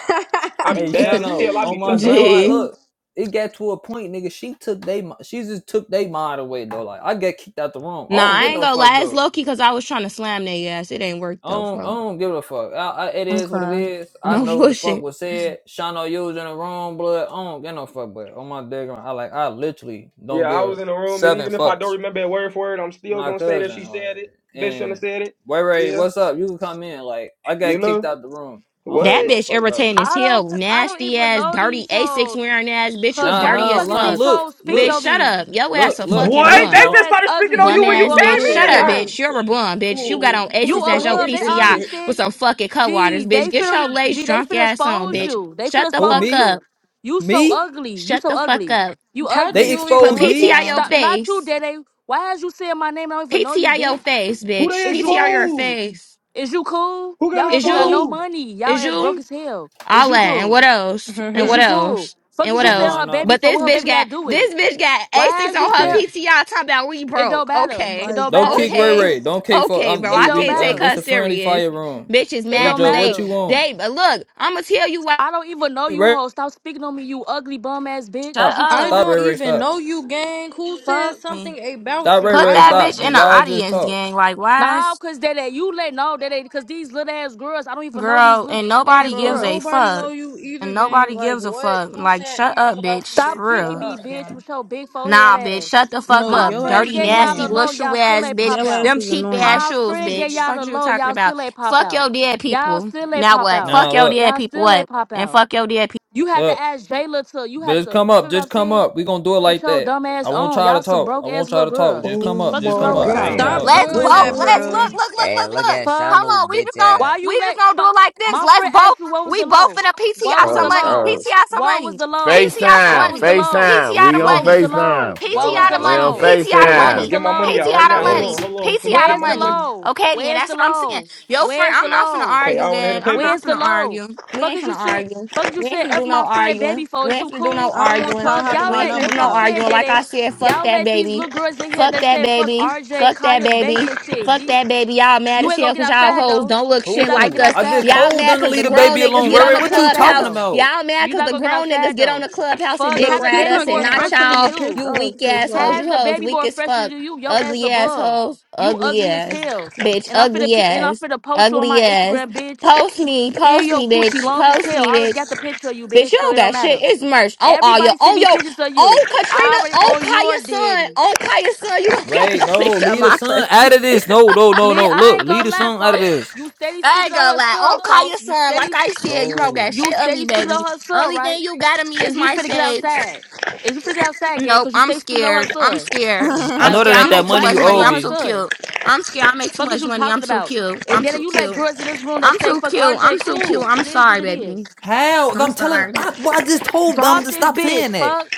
Speaker 4: I be mad as
Speaker 2: Shano,
Speaker 4: hell. I
Speaker 2: on
Speaker 4: be
Speaker 2: my
Speaker 4: shut the fuck
Speaker 2: grandma,
Speaker 4: up.
Speaker 3: Gee.
Speaker 2: look. It got to a point, nigga. She took they, she just took they mind away though. Like I got kicked out the room. I
Speaker 3: Nah,
Speaker 2: don't
Speaker 3: I
Speaker 2: get
Speaker 3: ain't
Speaker 2: no
Speaker 3: gonna
Speaker 2: fuck
Speaker 3: lie. It's
Speaker 2: though.
Speaker 3: low key because I was trying to slam their ass. It ain't work
Speaker 2: I
Speaker 3: though.
Speaker 2: don't, I
Speaker 3: Fuck.
Speaker 2: don't give a fuck. I, I, it
Speaker 1: I'm
Speaker 2: is what it
Speaker 1: crying.
Speaker 2: is. I
Speaker 3: No
Speaker 2: know what the fuck
Speaker 3: bullshit.
Speaker 2: was said. Shano used in the wrong blood. I don't get no fuck, but on my dick, I like, I literally
Speaker 4: Yeah,
Speaker 2: don't
Speaker 4: I was
Speaker 2: give
Speaker 4: in the room, and
Speaker 2: seven
Speaker 4: even if I don't
Speaker 2: fucks.
Speaker 4: remember it word for word, I'm still
Speaker 2: My
Speaker 4: gonna say that
Speaker 2: cousin,
Speaker 4: she
Speaker 2: like,
Speaker 4: said it. Bitch shouldn't have
Speaker 2: and
Speaker 4: said it.
Speaker 2: Ray Ray,
Speaker 4: Yeah,
Speaker 2: what's up? You can come in. Like, I
Speaker 4: you
Speaker 2: got kicked
Speaker 4: know
Speaker 2: out the room. I don't get
Speaker 3: That
Speaker 4: what?
Speaker 2: no
Speaker 3: bitch
Speaker 2: fuck about. it.
Speaker 3: irritating as
Speaker 5: I don't,
Speaker 3: hell.
Speaker 5: cause I don't
Speaker 3: Nasty
Speaker 5: even
Speaker 3: ass,
Speaker 5: know
Speaker 3: dirty
Speaker 5: these
Speaker 3: asics
Speaker 5: hoes.
Speaker 3: wearing ass. Bitch, you
Speaker 5: Cause
Speaker 2: Nah,
Speaker 5: why the
Speaker 3: dirty
Speaker 2: nah,
Speaker 3: as
Speaker 5: fuck is
Speaker 2: nah.
Speaker 3: fuck.
Speaker 5: these
Speaker 2: Look,
Speaker 5: hoes speaking
Speaker 2: look,
Speaker 3: Bitch,
Speaker 5: on
Speaker 3: shut
Speaker 5: me?
Speaker 3: up. Your
Speaker 2: look,
Speaker 3: ass a
Speaker 2: look,
Speaker 3: fucking
Speaker 2: look.
Speaker 4: What?
Speaker 5: Bitch,
Speaker 4: They
Speaker 3: bum.
Speaker 5: your
Speaker 2: Don't.
Speaker 4: just
Speaker 5: ass
Speaker 4: started speaking
Speaker 5: ugly, and
Speaker 4: on
Speaker 5: you
Speaker 4: you
Speaker 3: Bum
Speaker 4: when
Speaker 5: finna
Speaker 4: you
Speaker 5: go
Speaker 3: ass
Speaker 5: on my
Speaker 3: bitch.
Speaker 1: Jay,
Speaker 3: Shut
Speaker 4: came
Speaker 3: up,
Speaker 4: in.
Speaker 5: PTI.
Speaker 1: right.
Speaker 3: bitch. You're a bum, bitch. You got
Speaker 1: Ooh,
Speaker 3: on
Speaker 1: who the
Speaker 5: You
Speaker 3: asics as
Speaker 1: fuck
Speaker 3: your
Speaker 5: above?
Speaker 1: is
Speaker 5: They
Speaker 1: this
Speaker 3: PCI
Speaker 5: already
Speaker 1: bitch?
Speaker 5: said,
Speaker 3: with some fucking cut waters,
Speaker 5: G,
Speaker 3: bitch.
Speaker 5: they
Speaker 3: Get
Speaker 5: finna,
Speaker 3: your
Speaker 5: re-
Speaker 3: lace
Speaker 5: G, they
Speaker 3: drunk
Speaker 5: finna
Speaker 3: ass on,
Speaker 5: expose
Speaker 2: No.
Speaker 3: bitch.
Speaker 5: you. They finna
Speaker 3: Shut the
Speaker 2: Who
Speaker 3: fuck
Speaker 5: expose
Speaker 2: me?
Speaker 5: you.
Speaker 3: up.
Speaker 5: You so
Speaker 2: Me?
Speaker 5: ugly. You
Speaker 3: Shut
Speaker 5: so
Speaker 3: the fuck
Speaker 5: ugly.
Speaker 3: up.
Speaker 5: You
Speaker 1: How do
Speaker 2: They
Speaker 5: ugly.
Speaker 1: you
Speaker 3: Put
Speaker 1: even
Speaker 2: exposed
Speaker 1: look,
Speaker 2: me.
Speaker 3: PTI your
Speaker 1: gang?
Speaker 5: Stop. Not you,
Speaker 3: face.
Speaker 5: Daddy. Why is you saying my name? I don't even know you,
Speaker 3: PTI your
Speaker 5: bitch.
Speaker 3: face,
Speaker 4: Who
Speaker 3: bitch.
Speaker 4: they
Speaker 5: Is you,
Speaker 3: PTI your
Speaker 4: exposed?
Speaker 3: face.
Speaker 5: is you cool?
Speaker 4: Who
Speaker 5: Y'all
Speaker 4: got
Speaker 5: hoes
Speaker 3: Is
Speaker 5: don't got
Speaker 3: you?
Speaker 5: no
Speaker 4: exposed?
Speaker 5: money. Y'all
Speaker 3: Is
Speaker 5: ass broke
Speaker 3: you,
Speaker 5: as hell. Is
Speaker 3: all
Speaker 5: you
Speaker 3: that and
Speaker 5: cool?
Speaker 3: what else? And
Speaker 5: Is
Speaker 3: what
Speaker 5: you cool?
Speaker 3: else?
Speaker 5: Fuck
Speaker 3: And
Speaker 5: is
Speaker 3: what
Speaker 5: you
Speaker 2: I'm
Speaker 5: sell
Speaker 3: else?
Speaker 5: her
Speaker 2: mine
Speaker 5: baby
Speaker 2: up.
Speaker 3: But
Speaker 5: for?
Speaker 3: this
Speaker 5: What her
Speaker 3: bitch
Speaker 5: baby got
Speaker 3: got
Speaker 5: to do with it?
Speaker 3: this bitch got
Speaker 5: Why
Speaker 3: A6
Speaker 5: as you
Speaker 3: on her
Speaker 2: Hey.
Speaker 5: said
Speaker 3: PTI talking about we
Speaker 5: it don't
Speaker 3: broke.
Speaker 5: matter.
Speaker 1: Mhm.
Speaker 5: It
Speaker 3: Okay.
Speaker 1: like,
Speaker 5: don't
Speaker 2: Don't kick
Speaker 1: what,
Speaker 5: matter.
Speaker 2: Ray
Speaker 3: Okay.
Speaker 1: gang?
Speaker 2: Ray. Don't kick for
Speaker 3: Okay,
Speaker 2: I'm
Speaker 3: bro.
Speaker 5: It
Speaker 2: we
Speaker 3: I
Speaker 5: don't
Speaker 2: we
Speaker 3: can't
Speaker 2: um
Speaker 3: take
Speaker 5: matter.
Speaker 2: that's
Speaker 3: her
Speaker 2: a friendly
Speaker 3: serious.
Speaker 2: fire room.
Speaker 3: Bitch is
Speaker 5: It
Speaker 2: Lil
Speaker 3: mad
Speaker 5: don't
Speaker 3: cause
Speaker 2: Joe,
Speaker 3: they
Speaker 2: what you
Speaker 5: matter.
Speaker 2: want?
Speaker 3: they but look, I'ma tell you why
Speaker 5: I don't even know
Speaker 2: Hey,
Speaker 5: you
Speaker 2: Ray
Speaker 5: hoe. Stop speaking on me, you ugly bum ass bitch. Is
Speaker 3: Shut
Speaker 5: you
Speaker 2: stop.
Speaker 1: I
Speaker 3: up.
Speaker 2: Stop
Speaker 5: cool?
Speaker 2: Ray
Speaker 1: don't
Speaker 2: Ray
Speaker 1: even
Speaker 2: stop.
Speaker 1: know you, gang. Who said
Speaker 5: Fuck.
Speaker 1: something about
Speaker 2: Stop Ray
Speaker 1: you?
Speaker 3: Put
Speaker 1: I
Speaker 2: Ray
Speaker 3: that
Speaker 1: don't
Speaker 2: stop.
Speaker 3: bitch
Speaker 1: even
Speaker 3: in
Speaker 2: Just,
Speaker 3: the
Speaker 1: know
Speaker 2: y'all
Speaker 1: you.
Speaker 2: just
Speaker 3: audience,
Speaker 2: talk.
Speaker 3: gang. Like why
Speaker 5: Nah,
Speaker 3: is
Speaker 5: cause they that you let no, that they cause these little ass girls, I don't even know these
Speaker 3: girl
Speaker 5: little
Speaker 3: and
Speaker 5: ass
Speaker 3: nobody
Speaker 1: Bro,
Speaker 3: gives a
Speaker 5: girls.
Speaker 1: nobody know
Speaker 3: fuck.
Speaker 1: you either,
Speaker 3: And
Speaker 1: gang.
Speaker 3: nobody
Speaker 1: Like,
Speaker 3: gives a
Speaker 1: what?
Speaker 3: fuck.
Speaker 1: Who
Speaker 3: Like
Speaker 1: said
Speaker 3: shut
Speaker 1: anything
Speaker 3: up,
Speaker 1: about you,
Speaker 3: bitch.
Speaker 5: Stop
Speaker 1: bitch?
Speaker 3: For
Speaker 1: Shut
Speaker 3: real.
Speaker 5: kicking me,
Speaker 1: up,
Speaker 5: bitch,
Speaker 1: gang.
Speaker 5: with your big forehead
Speaker 3: Nah, bitch.
Speaker 5: ass.
Speaker 3: Shut the fuck
Speaker 1: No,
Speaker 5: My
Speaker 3: up.
Speaker 1: your
Speaker 5: friend
Speaker 1: ass
Speaker 3: Dirty,
Speaker 5: get y'all
Speaker 3: nasty,
Speaker 5: the
Speaker 1: annoying.
Speaker 3: little
Speaker 5: low,
Speaker 3: shoe
Speaker 5: y'all still
Speaker 3: ass
Speaker 5: ain't
Speaker 3: bitch.
Speaker 5: pop
Speaker 1: Your
Speaker 5: out.
Speaker 1: ass
Speaker 3: Them
Speaker 1: is
Speaker 3: cheap ass
Speaker 1: annoying.
Speaker 5: My
Speaker 3: shoes,
Speaker 5: friend get
Speaker 3: bitch.
Speaker 5: y'all
Speaker 3: Fuck
Speaker 5: the
Speaker 3: you
Speaker 5: low,
Speaker 3: talking
Speaker 5: y'all
Speaker 3: about.
Speaker 5: still ain't pop
Speaker 3: Fuck
Speaker 5: out.
Speaker 3: your dead
Speaker 5: Y'all
Speaker 3: people.
Speaker 5: still ain't
Speaker 3: Now
Speaker 5: pop
Speaker 3: what?
Speaker 5: out.
Speaker 3: Fuck
Speaker 2: Now
Speaker 3: your
Speaker 2: look,
Speaker 3: dead
Speaker 5: Y'all
Speaker 3: people.
Speaker 5: still
Speaker 3: What?
Speaker 5: ain't pop
Speaker 3: And
Speaker 5: out.
Speaker 3: fuck your dead people.
Speaker 5: You had to
Speaker 2: look.
Speaker 5: ask Jayla to. You
Speaker 2: But
Speaker 5: had
Speaker 2: just
Speaker 5: to. You
Speaker 2: come
Speaker 5: see
Speaker 2: up,
Speaker 5: what I'm
Speaker 2: just come
Speaker 5: saying?
Speaker 2: up. We gonna do it
Speaker 5: Get
Speaker 2: like
Speaker 5: your
Speaker 2: that.
Speaker 5: dumb
Speaker 2: I
Speaker 5: ass
Speaker 2: won't
Speaker 5: on.
Speaker 2: try to
Speaker 5: Y'all some
Speaker 2: talk. I
Speaker 5: broke
Speaker 2: won't
Speaker 5: ass
Speaker 2: try
Speaker 5: little
Speaker 2: to talk.
Speaker 5: girls.
Speaker 2: Just
Speaker 4: Oh
Speaker 2: come up,
Speaker 5: Fuck
Speaker 2: just
Speaker 5: is
Speaker 4: my
Speaker 2: come
Speaker 5: wrong
Speaker 6: Oh,
Speaker 5: with
Speaker 2: up,
Speaker 6: I
Speaker 2: just
Speaker 5: y'all?
Speaker 2: come
Speaker 4: god,
Speaker 6: y'all
Speaker 1: Stop
Speaker 2: up.
Speaker 3: Let's
Speaker 6: coming
Speaker 1: doing
Speaker 4: what's
Speaker 3: both.
Speaker 1: that,
Speaker 6: for?
Speaker 4: going
Speaker 3: Let's
Speaker 4: on?
Speaker 1: bro.
Speaker 3: look, look, look,
Speaker 6: Hey,
Speaker 3: look,
Speaker 6: look
Speaker 3: look.
Speaker 6: at
Speaker 5: Fuck.
Speaker 3: Hold
Speaker 6: Shano,
Speaker 3: on. We
Speaker 6: bitch
Speaker 3: just gonna
Speaker 5: Why
Speaker 6: ass.
Speaker 5: you
Speaker 3: we just
Speaker 5: late?
Speaker 3: gonna do
Speaker 5: Come on.
Speaker 3: it like this.
Speaker 5: My
Speaker 3: Let's
Speaker 5: friend asked
Speaker 3: both.
Speaker 5: you what was
Speaker 3: We
Speaker 5: the
Speaker 3: both
Speaker 5: low.
Speaker 3: finna
Speaker 5: What
Speaker 3: PTI
Speaker 5: was
Speaker 3: some
Speaker 5: the
Speaker 7: Charles,
Speaker 3: money.
Speaker 5: low?
Speaker 7: Charles,
Speaker 3: PTI some
Speaker 5: What was
Speaker 3: money.
Speaker 5: the low?
Speaker 3: PTI some
Speaker 5: What
Speaker 8: FaceTime,
Speaker 5: was the
Speaker 3: money.
Speaker 5: low?
Speaker 8: FaceTime.
Speaker 3: PTI the
Speaker 8: We on
Speaker 5: What was
Speaker 3: money.
Speaker 5: the
Speaker 8: FaceTime.
Speaker 5: low? What
Speaker 6: Yo
Speaker 5: was
Speaker 3: PTI
Speaker 5: the
Speaker 3: the
Speaker 6: ass
Speaker 8: We
Speaker 6: a
Speaker 3: money,
Speaker 8: on
Speaker 5: low?
Speaker 6: bitch.
Speaker 3: PTI the
Speaker 4: Hey, I'm
Speaker 5: What
Speaker 4: finna
Speaker 5: was
Speaker 8: FaceTime.
Speaker 3: money,
Speaker 5: the
Speaker 4: get my money
Speaker 3: PTI
Speaker 4: out
Speaker 5: low?
Speaker 4: right
Speaker 7: fucking
Speaker 3: the
Speaker 4: now. Hold on,
Speaker 3: money,
Speaker 7: bitch.
Speaker 4: hold on. Let me
Speaker 3: PTI
Speaker 4: get
Speaker 3: the
Speaker 5: Where's
Speaker 4: my
Speaker 5: the
Speaker 3: money.
Speaker 4: money.
Speaker 5: low?
Speaker 3: Okay, then
Speaker 5: Where's
Speaker 3: that's
Speaker 5: the
Speaker 3: what I'm saying.
Speaker 5: low?
Speaker 3: Yo, friend,
Speaker 5: Where's the
Speaker 3: I'm not finna
Speaker 5: low?
Speaker 4: Hey, I
Speaker 3: argue,
Speaker 4: wanna hit the
Speaker 3: gang. I'm
Speaker 4: paper.
Speaker 3: not
Speaker 5: Where's the
Speaker 3: finna
Speaker 5: low?
Speaker 3: argue. We
Speaker 5: Fuck
Speaker 3: ain't
Speaker 5: is you
Speaker 3: finna
Speaker 5: said.
Speaker 3: argue.
Speaker 5: Fuck you
Speaker 3: We ain't
Speaker 5: said.
Speaker 3: finna
Speaker 5: F
Speaker 3: do no
Speaker 5: my friend, baby.
Speaker 3: arguing.
Speaker 5: For
Speaker 3: We
Speaker 5: is you
Speaker 3: ain't finna do no
Speaker 5: cool?
Speaker 1: I don't want
Speaker 3: arguing.
Speaker 1: y'all
Speaker 5: Fuck
Speaker 1: having
Speaker 5: y'all
Speaker 3: We
Speaker 1: my
Speaker 3: ain't
Speaker 5: let.
Speaker 3: finna
Speaker 1: number
Speaker 5: That's
Speaker 3: do
Speaker 5: what I'm
Speaker 3: no
Speaker 1: for.
Speaker 5: saying,
Speaker 3: arguing. Like I
Speaker 5: Daddy.
Speaker 3: said, fuck
Speaker 5: Y'all
Speaker 3: that
Speaker 5: let these
Speaker 3: baby.
Speaker 5: little girls in here
Speaker 3: Fuck
Speaker 5: that
Speaker 3: that
Speaker 5: say fuck
Speaker 3: baby.
Speaker 5: RJ,
Speaker 3: Fuck that
Speaker 5: Kaya, baby
Speaker 3: baby.
Speaker 5: and shit.
Speaker 3: Fuck
Speaker 5: The-
Speaker 3: that baby. Y'all mad
Speaker 5: you
Speaker 3: as
Speaker 5: ain't gonna
Speaker 3: hell
Speaker 5: get
Speaker 3: because y'all
Speaker 5: outside
Speaker 3: hoes
Speaker 5: though.
Speaker 3: don't look
Speaker 5: You
Speaker 3: shit
Speaker 5: not gonna
Speaker 3: like
Speaker 5: get
Speaker 2: Who?
Speaker 3: us.
Speaker 2: I
Speaker 5: outside
Speaker 2: just
Speaker 5: though.
Speaker 3: Y'all
Speaker 2: told
Speaker 3: mad
Speaker 2: them to
Speaker 3: because
Speaker 2: leave
Speaker 3: the
Speaker 2: the
Speaker 3: grown
Speaker 2: baby
Speaker 3: niggas
Speaker 2: alone.
Speaker 5: You
Speaker 3: get
Speaker 2: Ray
Speaker 5: not
Speaker 3: on
Speaker 2: Ray,
Speaker 5: gonna
Speaker 3: the
Speaker 5: get
Speaker 2: what you
Speaker 5: outside
Speaker 3: clubhouse
Speaker 2: talking
Speaker 5: though.
Speaker 2: about?
Speaker 3: Y'all mad
Speaker 5: You
Speaker 3: because
Speaker 5: not
Speaker 3: the
Speaker 5: gonna get
Speaker 3: grown niggas
Speaker 5: outside
Speaker 3: get on
Speaker 5: though.
Speaker 3: the clubhouse and
Speaker 5: Fuck,
Speaker 3: dick
Speaker 1: Bro,
Speaker 5: how the
Speaker 3: ride
Speaker 1: kick
Speaker 5: baby
Speaker 1: her,
Speaker 3: us and
Speaker 5: more
Speaker 1: gang.
Speaker 3: not
Speaker 1: I'm
Speaker 5: fresher
Speaker 1: finna
Speaker 5: than
Speaker 3: y'all.
Speaker 1: get
Speaker 5: you?
Speaker 1: pissed
Speaker 3: You
Speaker 1: off,
Speaker 3: weak
Speaker 1: cause
Speaker 3: ass hoes.
Speaker 1: like,
Speaker 5: How's
Speaker 3: You
Speaker 5: the
Speaker 3: hoes
Speaker 5: baby
Speaker 3: weak
Speaker 5: more
Speaker 3: as
Speaker 5: fresher
Speaker 3: fuck.
Speaker 5: than you? Your ass
Speaker 3: Ugly ass
Speaker 5: above.
Speaker 3: hoes.
Speaker 5: You
Speaker 3: Ugly
Speaker 5: ugly as
Speaker 3: ass.
Speaker 5: hell.
Speaker 3: Bitch.
Speaker 5: And I'm finna
Speaker 3: Ugly
Speaker 5: pe- and I'm
Speaker 3: ass.
Speaker 5: finna post you on
Speaker 3: Ugly
Speaker 5: my
Speaker 3: ass.
Speaker 5: Instagram, bitch.
Speaker 3: Post me.
Speaker 5: In
Speaker 3: Post
Speaker 5: your
Speaker 3: me,
Speaker 5: coochie
Speaker 3: bitch.
Speaker 5: long as
Speaker 3: Post
Speaker 5: hell.
Speaker 3: me,
Speaker 5: I already
Speaker 3: bitch.
Speaker 5: got the picture of you,
Speaker 3: Bitch, you
Speaker 5: bitch, so
Speaker 3: don't
Speaker 5: it don't
Speaker 3: got shit.
Speaker 5: matter.
Speaker 3: It's merch. On all your
Speaker 5: Everybody send
Speaker 3: on
Speaker 5: me
Speaker 3: your
Speaker 5: pictures of you.
Speaker 3: on
Speaker 5: I
Speaker 3: Katrina.
Speaker 5: already
Speaker 3: On
Speaker 5: own your
Speaker 3: Kaya's son.
Speaker 5: daddy.
Speaker 3: On Kaya's son. You don't got
Speaker 2: Wait,
Speaker 3: no
Speaker 2: no,
Speaker 3: picture of
Speaker 2: leave the
Speaker 3: my pussy.
Speaker 2: son out of this. No, no, no,
Speaker 5: Lee,
Speaker 2: no.
Speaker 5: I
Speaker 2: Look,
Speaker 5: ain't
Speaker 2: leave
Speaker 5: gonna
Speaker 2: the
Speaker 5: lie,
Speaker 2: son out of
Speaker 5: folk.
Speaker 2: this.
Speaker 5: You steady
Speaker 3: I
Speaker 5: speaking
Speaker 3: ain't
Speaker 5: on
Speaker 3: gonna
Speaker 5: her
Speaker 3: lie.
Speaker 5: son,
Speaker 3: On
Speaker 5: folk.
Speaker 3: Kaya's
Speaker 5: You
Speaker 3: son,
Speaker 5: steady
Speaker 3: like I said, you don't got
Speaker 2: No.
Speaker 5: you
Speaker 3: shit of me,
Speaker 5: steady speaking
Speaker 3: baby.
Speaker 5: on her son,
Speaker 3: Only
Speaker 5: right?
Speaker 3: thing you got of me is
Speaker 5: Is you
Speaker 3: my
Speaker 5: finna get
Speaker 3: face.
Speaker 5: outside? Is you finna get outside, gang?
Speaker 3: Nope,
Speaker 5: Cause you
Speaker 3: I'm
Speaker 5: stay speaking on her
Speaker 3: scared. I'm
Speaker 5: son.
Speaker 3: scared.
Speaker 2: I
Speaker 3: I'm
Speaker 5: Like
Speaker 2: know
Speaker 5: wh-
Speaker 2: that
Speaker 3: scared. I
Speaker 2: ain't
Speaker 5: you
Speaker 2: that
Speaker 5: don't
Speaker 3: make too
Speaker 5: why
Speaker 2: money
Speaker 5: is you
Speaker 3: much
Speaker 2: you
Speaker 5: speaking
Speaker 3: money.
Speaker 2: owe
Speaker 5: on
Speaker 3: I'm
Speaker 5: her
Speaker 2: me.
Speaker 3: too
Speaker 5: son?
Speaker 3: cute. I'm scared. I make too
Speaker 5: Fuck is
Speaker 3: much
Speaker 5: you
Speaker 3: money.
Speaker 5: talking
Speaker 3: I'm too
Speaker 5: about?
Speaker 3: cute.
Speaker 5: And
Speaker 3: I'm
Speaker 5: then
Speaker 3: too
Speaker 5: you let
Speaker 3: cute.
Speaker 5: girls in this room that
Speaker 3: I'm
Speaker 5: say
Speaker 3: too
Speaker 5: fuck
Speaker 3: cute.
Speaker 5: RJ
Speaker 3: I'm too cute.
Speaker 5: cool.
Speaker 3: I'm
Speaker 5: It is what
Speaker 3: sorry,
Speaker 5: it is.
Speaker 3: baby.
Speaker 2: How?
Speaker 3: I'm
Speaker 2: I'm telling
Speaker 3: sorry.
Speaker 2: I, well, I just told them
Speaker 5: Drop
Speaker 2: to
Speaker 5: this
Speaker 2: stop
Speaker 5: bitch,
Speaker 2: saying that.
Speaker 5: fuck.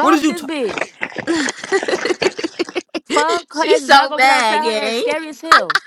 Speaker 2: What did you
Speaker 5: this
Speaker 2: t-
Speaker 5: bitch. Fuck, her
Speaker 3: She's
Speaker 5: ass is not
Speaker 3: so
Speaker 5: gonna get
Speaker 3: bad,
Speaker 5: outside. Her
Speaker 3: gang.
Speaker 5: ass scary as hell.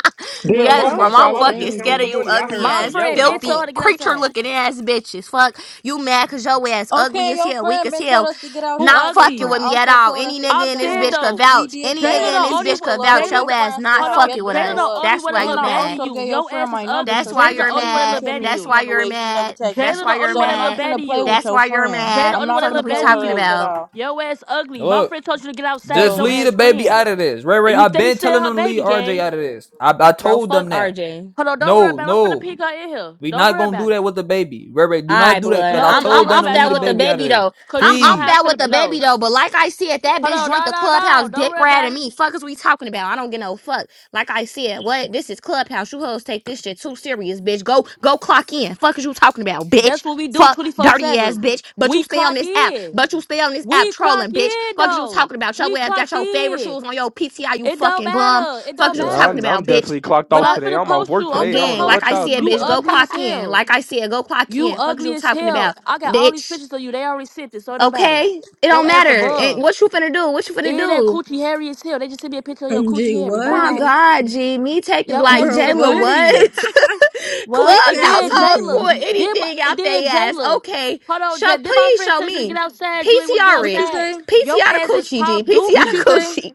Speaker 1: bro,
Speaker 4: Darren, my
Speaker 3: Yes,
Speaker 1: y'all
Speaker 4: fault,
Speaker 3: bro. I'm
Speaker 4: child. I
Speaker 1: so
Speaker 4: was
Speaker 3: fucking
Speaker 4: just counting
Speaker 3: scared of
Speaker 1: angry.
Speaker 4: some
Speaker 3: you
Speaker 4: money. I
Speaker 3: ugly
Speaker 4: heard
Speaker 5: My
Speaker 4: some
Speaker 3: ass,
Speaker 5: friend
Speaker 4: yelling. My
Speaker 5: bitch told her
Speaker 3: filthy,
Speaker 4: fault.
Speaker 5: to get
Speaker 3: creature
Speaker 5: outside.
Speaker 3: looking ass bitches. Fuck. You mad cause your ass ugly
Speaker 1: Okay,
Speaker 3: as
Speaker 1: your
Speaker 3: hell, weak
Speaker 1: friend
Speaker 3: as
Speaker 1: been told
Speaker 3: hell.
Speaker 1: us to get
Speaker 5: Who
Speaker 3: Not
Speaker 1: outside. Your
Speaker 3: fucking
Speaker 5: ugly?
Speaker 1: friend
Speaker 3: with me at
Speaker 1: also
Speaker 3: all.
Speaker 1: told us
Speaker 3: Any
Speaker 1: to
Speaker 5: I'm
Speaker 3: nigga
Speaker 1: send
Speaker 3: in
Speaker 1: a
Speaker 3: this
Speaker 5: saying
Speaker 1: load.
Speaker 3: bitch could
Speaker 5: though,
Speaker 1: We
Speaker 3: vouch.
Speaker 1: did
Speaker 3: Any
Speaker 5: Jayla
Speaker 3: nigga
Speaker 1: that.
Speaker 3: in
Speaker 5: the
Speaker 1: We
Speaker 3: this
Speaker 5: only
Speaker 3: bitch
Speaker 1: sent the
Speaker 3: could
Speaker 5: one.
Speaker 1: load.
Speaker 3: vouch.
Speaker 1: Your
Speaker 5: Jayla
Speaker 3: Your
Speaker 5: the
Speaker 3: ass
Speaker 1: friend still
Speaker 3: not
Speaker 5: hold
Speaker 1: have
Speaker 5: on.
Speaker 3: fucking
Speaker 1: yet to
Speaker 3: with
Speaker 5: Jayla
Speaker 1: show
Speaker 3: us.
Speaker 5: the
Speaker 1: up.
Speaker 5: only
Speaker 3: That's
Speaker 5: one that
Speaker 3: why
Speaker 1: And
Speaker 3: you
Speaker 5: look
Speaker 1: I
Speaker 5: bad to
Speaker 3: mad.
Speaker 1: also
Speaker 5: you.
Speaker 1: gave your
Speaker 5: Your
Speaker 1: friend
Speaker 5: ass is
Speaker 1: my number
Speaker 5: ugly.
Speaker 3: That's
Speaker 1: so
Speaker 3: why
Speaker 1: she
Speaker 5: Jayla
Speaker 1: could
Speaker 5: the
Speaker 3: you're
Speaker 5: only
Speaker 1: text
Speaker 5: one that
Speaker 1: me and
Speaker 3: mad.
Speaker 5: look
Speaker 1: tell me
Speaker 5: bad to
Speaker 1: when
Speaker 3: That's
Speaker 5: you.
Speaker 1: she
Speaker 3: why
Speaker 1: on the
Speaker 3: you're
Speaker 1: way. She never
Speaker 3: mad.
Speaker 1: text me.
Speaker 3: That's
Speaker 5: Jayla
Speaker 3: why
Speaker 5: the
Speaker 3: you're
Speaker 5: only
Speaker 1: So
Speaker 5: one
Speaker 1: I'm
Speaker 5: that look
Speaker 1: not
Speaker 3: mad.
Speaker 5: bad
Speaker 1: finna
Speaker 5: to
Speaker 1: play
Speaker 5: you.
Speaker 1: with
Speaker 3: That's
Speaker 1: your
Speaker 3: why you're
Speaker 1: friend.
Speaker 5: Jayla
Speaker 3: mad.
Speaker 5: the
Speaker 1: I'm
Speaker 5: only one
Speaker 1: not
Speaker 5: that
Speaker 3: Fuck is
Speaker 1: finna
Speaker 5: look
Speaker 3: we
Speaker 1: play
Speaker 5: bad
Speaker 1: with
Speaker 5: to
Speaker 1: her
Speaker 3: talking
Speaker 1: ass
Speaker 5: you.
Speaker 1: at
Speaker 3: about?
Speaker 1: all.
Speaker 5: Your ass ugly. My
Speaker 2: look?
Speaker 5: friend told you to get outside.
Speaker 2: Just
Speaker 5: Your
Speaker 1: So
Speaker 2: leave the
Speaker 5: ass
Speaker 2: baby
Speaker 5: ran,
Speaker 2: out of this. Ray
Speaker 5: and
Speaker 2: Ray,
Speaker 5: you
Speaker 2: I've
Speaker 5: steady
Speaker 2: been
Speaker 5: said
Speaker 2: telling
Speaker 5: her
Speaker 2: them to
Speaker 5: baby
Speaker 2: leave RJ
Speaker 5: gay.
Speaker 2: out of this. I, I
Speaker 3: Bro,
Speaker 2: told them
Speaker 3: fuck
Speaker 2: that.
Speaker 3: RJ.
Speaker 5: Hold on, don't worry
Speaker 2: No,
Speaker 5: about it. I'm finna pick
Speaker 2: no.
Speaker 5: her in here.
Speaker 2: We
Speaker 5: Don't
Speaker 2: not
Speaker 5: worry
Speaker 2: gonna do
Speaker 5: about it.
Speaker 2: that with the baby. Ray Ray,
Speaker 3: All
Speaker 2: do not
Speaker 3: right,
Speaker 2: do that. Cause
Speaker 3: blood.
Speaker 2: I
Speaker 5: No,
Speaker 3: I'm
Speaker 5: don't
Speaker 2: told
Speaker 3: I'm
Speaker 5: worry
Speaker 2: them to
Speaker 3: off
Speaker 5: about it.
Speaker 2: leave
Speaker 3: that
Speaker 2: the
Speaker 3: with the
Speaker 5: No.
Speaker 2: baby out of
Speaker 3: baby
Speaker 2: this.
Speaker 3: though.
Speaker 5: Cause
Speaker 3: I'm
Speaker 5: you know
Speaker 3: off
Speaker 5: how I
Speaker 2: Please.
Speaker 3: that
Speaker 5: feel
Speaker 3: with the
Speaker 5: about
Speaker 3: baby
Speaker 5: no.
Speaker 3: though. But like I said, that
Speaker 5: Hold
Speaker 3: bitch
Speaker 5: on,
Speaker 3: joined
Speaker 5: no,
Speaker 3: the
Speaker 5: no, no.
Speaker 3: clubhouse,
Speaker 5: Don't
Speaker 3: dick
Speaker 5: worry
Speaker 3: rat
Speaker 5: about
Speaker 3: and
Speaker 5: it.
Speaker 3: me. Fuck is we talking about? I don't get no fuck. Like I said, what? This is clubhouse. You hoes take this shit too serious, bitch. Go go clock in. Fuck is you talking about,
Speaker 5: That's
Speaker 3: bitch?
Speaker 5: what we do
Speaker 3: Fuck dirty
Speaker 5: 24-7.
Speaker 3: ass bitch. But you
Speaker 5: We
Speaker 3: stay on
Speaker 5: clock
Speaker 3: this app.
Speaker 5: in.
Speaker 3: But you stay on this app
Speaker 5: We clock
Speaker 3: trolling, bitch.
Speaker 5: in
Speaker 3: Fuck is you
Speaker 5: though.
Speaker 3: talking about? Your
Speaker 5: We
Speaker 3: ass got
Speaker 5: clocked
Speaker 3: your favorite
Speaker 5: in.
Speaker 3: shoes on your PTI, you
Speaker 5: It don't
Speaker 3: fucking bum.
Speaker 5: matter. It
Speaker 3: Fuck
Speaker 5: don't
Speaker 3: is
Speaker 4: Yeah,
Speaker 3: you
Speaker 4: I,
Speaker 3: talking
Speaker 5: matter.
Speaker 4: I'm
Speaker 3: about, bitch?
Speaker 4: definitely clocked
Speaker 5: But
Speaker 4: off
Speaker 3: Fuck.
Speaker 5: I'm
Speaker 4: today.
Speaker 5: finna
Speaker 4: I'm off
Speaker 5: post
Speaker 4: work
Speaker 5: you. I'm
Speaker 3: Oh,
Speaker 4: today. I
Speaker 5: finna
Speaker 4: don't
Speaker 3: gang,
Speaker 4: know
Speaker 5: post
Speaker 3: like
Speaker 4: what
Speaker 3: I
Speaker 4: y'all
Speaker 5: you.
Speaker 4: talking
Speaker 3: said,
Speaker 5: You
Speaker 4: about.
Speaker 3: bitch, go
Speaker 5: ugly as
Speaker 3: clock in.
Speaker 5: hell.
Speaker 3: Like I said, go clock
Speaker 5: You
Speaker 3: in. Fuck is
Speaker 5: ugly
Speaker 3: you
Speaker 5: as
Speaker 3: talking
Speaker 5: hell.
Speaker 3: about,
Speaker 5: I got all these
Speaker 3: bitch?
Speaker 5: pictures of you. They already sent it, so it don't matter.
Speaker 3: Okay, it
Speaker 5: Your
Speaker 3: don't
Speaker 5: ass a
Speaker 3: matter. And
Speaker 5: bug.
Speaker 3: what you finna do? What you finna
Speaker 5: And that
Speaker 3: do? Oh
Speaker 5: coochie hairy as hell. They just sent me a picture of your coochie
Speaker 1: Gee,
Speaker 5: hairy.
Speaker 1: what?
Speaker 3: my
Speaker 5: Bye.
Speaker 3: God, G, me taking
Speaker 5: Your
Speaker 3: like
Speaker 5: ass is
Speaker 1: Bro,
Speaker 5: a
Speaker 3: Jayla,
Speaker 1: what?
Speaker 5: goofy.
Speaker 3: what?
Speaker 5: What?
Speaker 1: she
Speaker 3: Club
Speaker 5: It
Speaker 1: saying
Speaker 5: did,
Speaker 3: household
Speaker 5: Jayla.
Speaker 3: pour
Speaker 1: anything.
Speaker 5: Did my,
Speaker 3: anything
Speaker 5: it
Speaker 3: out
Speaker 5: did,
Speaker 3: they ass.
Speaker 5: Jayla.
Speaker 3: Okay,
Speaker 5: Hold on,
Speaker 3: show,
Speaker 5: Jay. Did my
Speaker 3: please
Speaker 5: friend
Speaker 3: show
Speaker 5: tell you to get
Speaker 3: me.
Speaker 5: outside? You ain't want to get
Speaker 1: What
Speaker 3: PTR
Speaker 1: you
Speaker 3: it.
Speaker 5: outside.
Speaker 1: say?
Speaker 5: Your
Speaker 3: PTR the
Speaker 5: ass is
Speaker 3: coochie, G.
Speaker 5: pop
Speaker 3: PTR
Speaker 1: What you
Speaker 5: dookie.
Speaker 3: the
Speaker 1: say?
Speaker 3: coochie.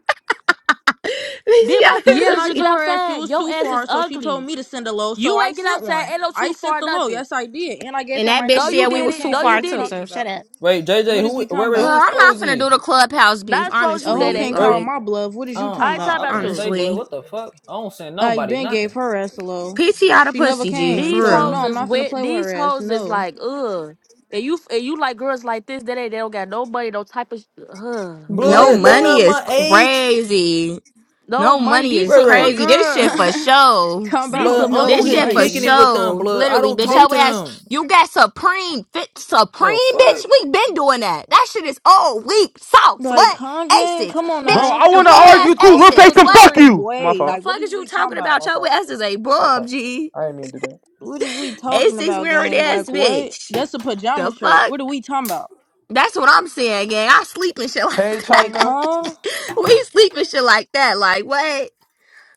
Speaker 3: PTR
Speaker 5: Did my friend
Speaker 1: Yeah,
Speaker 3: the
Speaker 5: tell
Speaker 1: and
Speaker 5: you
Speaker 1: I
Speaker 5: to
Speaker 3: coochie.
Speaker 5: get
Speaker 1: told her that she
Speaker 5: outside?
Speaker 1: was
Speaker 5: Your
Speaker 1: too
Speaker 5: ass is
Speaker 1: far, so she told
Speaker 5: ugly.
Speaker 1: me to send a low, so
Speaker 5: You
Speaker 1: I
Speaker 5: ain't get
Speaker 1: sent
Speaker 5: outside.
Speaker 1: one.
Speaker 5: Ain't no too
Speaker 1: I sent
Speaker 5: far
Speaker 1: the low,
Speaker 5: nothing.
Speaker 1: yes I did. And I gave
Speaker 3: And
Speaker 1: her
Speaker 3: that
Speaker 1: my
Speaker 3: bitch
Speaker 5: No,
Speaker 1: number.
Speaker 5: you
Speaker 1: She
Speaker 3: said we
Speaker 5: did
Speaker 1: never
Speaker 3: was
Speaker 5: it.
Speaker 3: too
Speaker 1: came.
Speaker 5: No,
Speaker 1: What are
Speaker 5: you
Speaker 3: far
Speaker 1: we
Speaker 5: did
Speaker 3: too,
Speaker 5: it.
Speaker 1: talking
Speaker 3: so shut
Speaker 1: about?
Speaker 3: up.
Speaker 2: Wait, JJ,
Speaker 1: What is
Speaker 2: who
Speaker 1: we
Speaker 2: where
Speaker 1: talking
Speaker 2: where-
Speaker 3: Uh,
Speaker 2: who
Speaker 1: about?
Speaker 3: I'm not
Speaker 2: exposed
Speaker 3: finna do
Speaker 2: me?
Speaker 3: the clubhouse beef,
Speaker 5: Not expose
Speaker 1: A
Speaker 5: you,
Speaker 1: hoe
Speaker 3: honestly.
Speaker 1: can't
Speaker 5: Daddy.
Speaker 2: Where
Speaker 1: call
Speaker 3: Like,
Speaker 1: my bluff. What is
Speaker 2: uh,
Speaker 1: you talking
Speaker 5: I ain't talking
Speaker 1: about?
Speaker 2: uh I'm
Speaker 5: about
Speaker 2: gonna
Speaker 5: you.
Speaker 2: say, blood,
Speaker 3: honestly.
Speaker 2: what the fuck? I don't send
Speaker 1: I
Speaker 2: nobody
Speaker 1: Ben gave
Speaker 2: nothing.
Speaker 1: her ass a low.
Speaker 3: PT out of
Speaker 1: She never
Speaker 3: pussy, G,
Speaker 1: came.
Speaker 5: These
Speaker 1: So
Speaker 3: for
Speaker 1: I'm no,
Speaker 5: hoes
Speaker 3: real.
Speaker 1: I'm
Speaker 5: is
Speaker 1: not finna
Speaker 5: wet.
Speaker 1: play with her
Speaker 5: These
Speaker 1: ass.
Speaker 5: hoes is
Speaker 1: No.
Speaker 5: like, ugh. And you and you like girls like this, Daddy, they don't got no money, no type of, sh- huh, whew.
Speaker 3: No
Speaker 1: What,
Speaker 2: Blood, they
Speaker 3: money
Speaker 1: bro?
Speaker 2: not
Speaker 3: is
Speaker 2: my age.
Speaker 3: crazy.
Speaker 5: no
Speaker 3: No
Speaker 5: money.
Speaker 3: money
Speaker 5: These
Speaker 3: is
Speaker 2: Ray
Speaker 5: some little
Speaker 2: Ray,
Speaker 3: crazy. This shit for
Speaker 5: girls.
Speaker 1: talking
Speaker 3: show.
Speaker 5: These
Speaker 1: about
Speaker 2: blood,
Speaker 5: some little
Speaker 2: I'm
Speaker 1: no
Speaker 3: This
Speaker 2: on here
Speaker 3: shit for
Speaker 5: kids.
Speaker 2: kicking
Speaker 1: money.
Speaker 2: it with them,
Speaker 3: show.
Speaker 2: blood. I
Speaker 3: Literally,
Speaker 2: don't
Speaker 3: bitch,
Speaker 5: These
Speaker 2: talk
Speaker 3: your
Speaker 2: to
Speaker 3: ass,
Speaker 2: them.
Speaker 3: you got Supreme, fit
Speaker 2: The
Speaker 3: Supreme,
Speaker 2: fuck?
Speaker 3: bitch. We been doing that. That shit is old, weak, sauce.
Speaker 1: Like,
Speaker 3: What?
Speaker 1: huh gang?
Speaker 3: Asics,
Speaker 1: Come on
Speaker 4: Bro,
Speaker 3: bitch.
Speaker 1: now.
Speaker 4: I
Speaker 3: Them
Speaker 4: want to
Speaker 3: little
Speaker 1: Supreme
Speaker 4: argue
Speaker 3: ass
Speaker 1: I
Speaker 4: too.
Speaker 1: don't
Speaker 4: Lil
Speaker 1: even
Speaker 3: Asics.
Speaker 1: look
Speaker 4: Satan,
Speaker 3: What?
Speaker 4: fuck
Speaker 1: supreme
Speaker 4: you. My
Speaker 1: way.
Speaker 3: The
Speaker 4: fault.
Speaker 1: Like what
Speaker 3: fuck
Speaker 1: is
Speaker 3: is you
Speaker 1: we talking
Speaker 3: talking
Speaker 1: about?
Speaker 4: My
Speaker 3: about? Your
Speaker 4: fault.
Speaker 3: ass is a
Speaker 4: My
Speaker 3: bum,
Speaker 4: fault.
Speaker 3: G.
Speaker 4: I didn't mean to do that.
Speaker 1: What is we talking
Speaker 3: Asics
Speaker 1: about,
Speaker 3: wearing
Speaker 1: gang?
Speaker 3: ass,
Speaker 1: Like what?
Speaker 3: bitch.
Speaker 1: That's a
Speaker 3: The
Speaker 1: pajama shirt.
Speaker 3: fuck?
Speaker 1: What are we talking about?
Speaker 3: That's what I'm saying, gang. I sleep and shit
Speaker 4: Hey
Speaker 3: like that.
Speaker 1: Like,
Speaker 4: China,
Speaker 1: huh?
Speaker 3: we sleep and shit like that. Like, what?